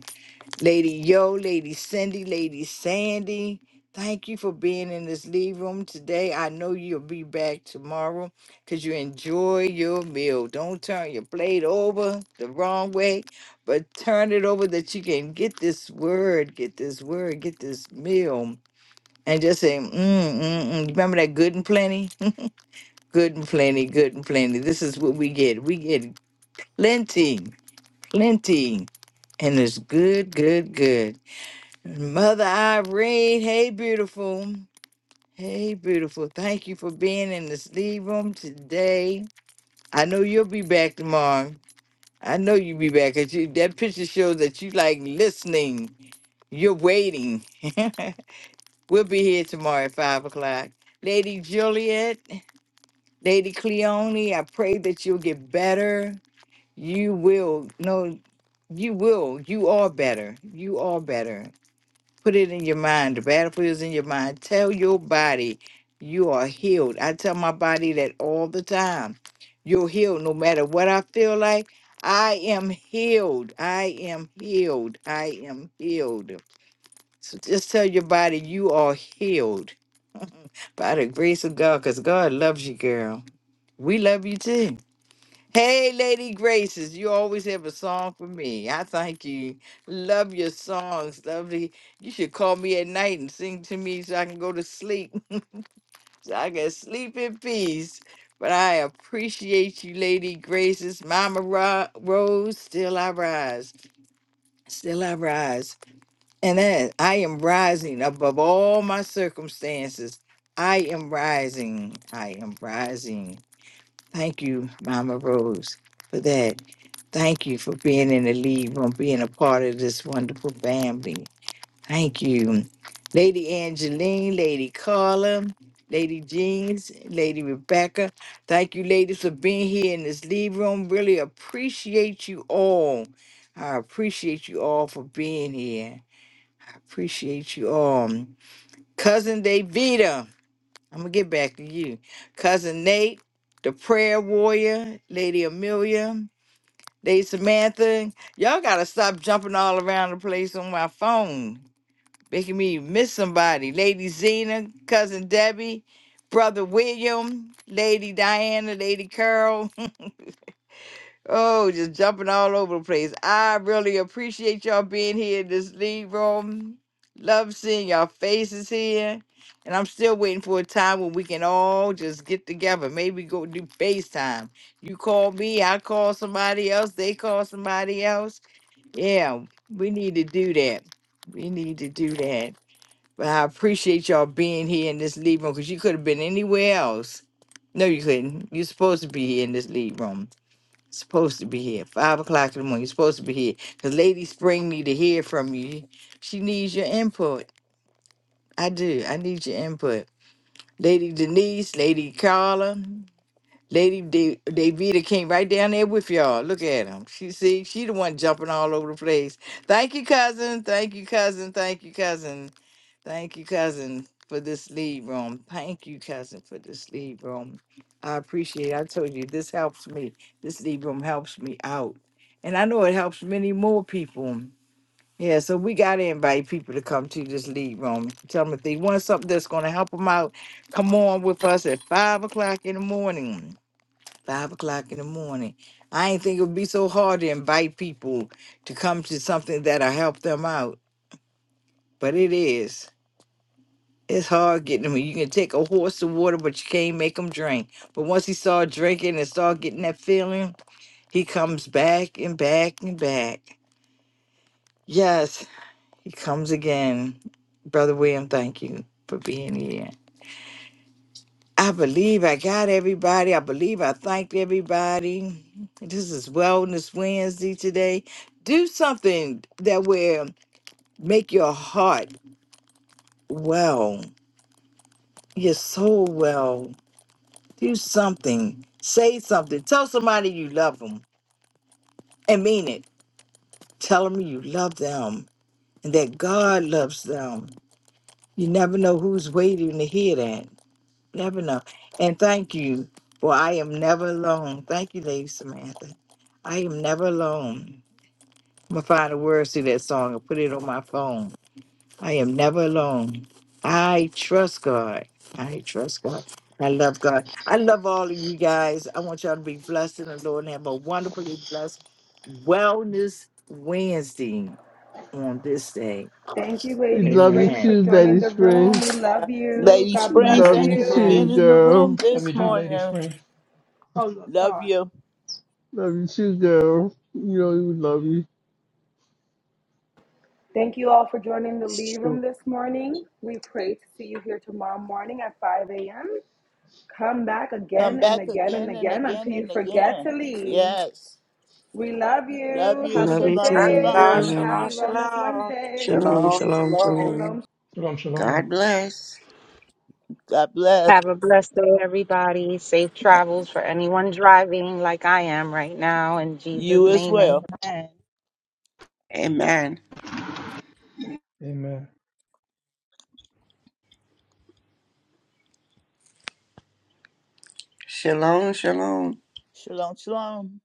C: Lady Yo, Lady Cindy, Lady Sandy, thank you for being in this leave room today. I know you'll be back tomorrow because you enjoy your meal. Don't turn your plate over the wrong way, but turn it over that you can get this word, get this word, get this meal. And just say, mm, mm, mm. Remember that good and plenty? Good and plenty, good and plenty. This is what we get. We get plenty, plenty. And it's good, good, good. Mother Irene, hey beautiful. Hey beautiful. Thank you for being in the sleep room today. I know you'll be back tomorrow. I know you'll be back because you, that picture shows that you like listening. You're waiting. we'll be here tomorrow at five o'clock. Lady Juliet, Lady Cleone, I pray that you'll get better. You will. No, you will. You are better. You are better. Put it in your mind. The battlefield is in your mind. Tell your body you are healed. I tell my body that all the time. You're healed no matter what I feel like. I am healed. I am healed. I am healed. So just tell your body you are healed by the grace of God because God loves you, girl. We love you too. Hey, Lady Graces, you always have a song for me. I thank you. Love your songs, lovely. You should call me at night and sing to me so I can go to sleep, so I can sleep in peace. But I appreciate you, Lady Graces. Mama Ro- Rose, still I rise. Still I rise. And that I am rising above all my circumstances. I am rising. I am rising. Thank you, Mama Rose, for that. Thank you for being in the lead room, being a part of this wonderful family. Thank you. Lady Angeline, Lady Carla, Lady Jeans, Lady Rebecca. Thank you, ladies, for being here in this lead room. Really appreciate you all. I appreciate you all for being here. I appreciate you all. Cousin Davida. I'm gonna get back to you. Cousin Nate, the prayer warrior, Lady Amelia, Lady Samantha. Y'all gotta stop jumping all around the place on my phone. Making me miss somebody. Lady Zena, cousin Debbie, brother William, Lady Diana, Lady Carol. Oh, just jumping all over the place. I really appreciate y'all being here in this league room. Love seeing y'all faces here. And I'm still waiting for a time when we can all just get together. Maybe go do FaceTime. You call me, I call somebody else, they call somebody else. Yeah, we need to do that. We need to do that. But I appreciate y'all being here in this lead room because you could have been anywhere else. No, you couldn't. You're supposed to be here in this lead room supposed to be here. Five o'clock in the morning. You're supposed to be here. Cause Lady Spring need to hear from you. She needs your input. I do. I need your input. Lady Denise, Lady Carla, Lady De- Davita came right down there with y'all. Look at them. She see, she the one jumping all over the place. Thank you, cousin. Thank you, cousin. Thank you, cousin. Thank you, cousin, for this lead room. Thank you, cousin, for this lead room. I appreciate it. I told you this helps me. This lead room helps me out. And I know it helps many more people. Yeah, so we got to invite people to come to this lead room. Tell them if they want something that's going to help them out, come on with us at 5 o'clock in the morning. 5 o'clock in the morning. I ain't think it would be so hard to invite people to come to something that'll help them out, but it is. It's hard getting them. You can take a horse to water, but you can't make him drink. But once he start drinking and start getting that feeling, he comes back and back and back. Yes, he comes again. Brother William, thank you for being here. I believe I got everybody. I believe I thanked everybody. This is Wellness Wednesday today. Do something that will make your heart well, your soul well. Do something. Say something. Tell somebody you love them and mean it. Tell them you love them and that God loves them. You never know who's waiting to hear that. Never know. And thank you, for I am never alone. Thank you, Lady Samantha. I am never alone. I'm going to find the words to that song and put it on my phone. I am never alone. I trust God. I trust God. I love God. I love all of you guys. I want y'all to be blessed in the Lord and have a wonderfully blessed Wellness Wednesday on this day.
G: Thank you,
J: We
G: Lady
J: love you
G: Spring, for
C: Amen.
J: too,
G: joining
J: Daddy
G: the room.
J: Spring.
G: We love
H: Love you too.
G: you.
E: Lady
G: God
J: We
G: bless
E: Springs.
J: love
E: thank
H: Amen,
J: you
E: you
G: you.
E: for
J: too,
E: being
H: amen.
E: in the
J: girl.
E: room
B: Love you
E: this
B: too, Lady
E: morning.
B: Spring.
E: Love you.
J: Love you too, girl. You know we really love you.
G: Thank you all for joining the Lee Room this morning. We pray to see you here tomorrow morning at 5 a.m. Come back
E: Come
G: again and
E: back
G: again and
E: again and
G: again
E: again
G: until you
E: and
G: forget
E: again.
G: to leave.
E: Yes.
G: We love
E: Love
G: you.
E: you.
G: Have a
O: Love
G: good
O: you
E: Shalom,
O: too.
G: day.
H: Shalom,
K: Yeah.
G: Have a
E: shalom.
G: happy
O: Amen.
H: shalom,
G: Wellness
H: shalom.
G: Wednesday.
O: Shalom,
K: Shalom,
O: shalom,
K: shalom.
O: shalom.
G: Shalom.
B: Shalom, shalom.
K: God bless.
E: God bless
N: Have a blessed day, everybody. Safe travels for anyone driving like I am right now. In Jesus'
E: you as
N: name,
E: well.
N: amen.
K: Amen.
B: Amen.
K: Shalom, shalom.
E: Shalom, shalom.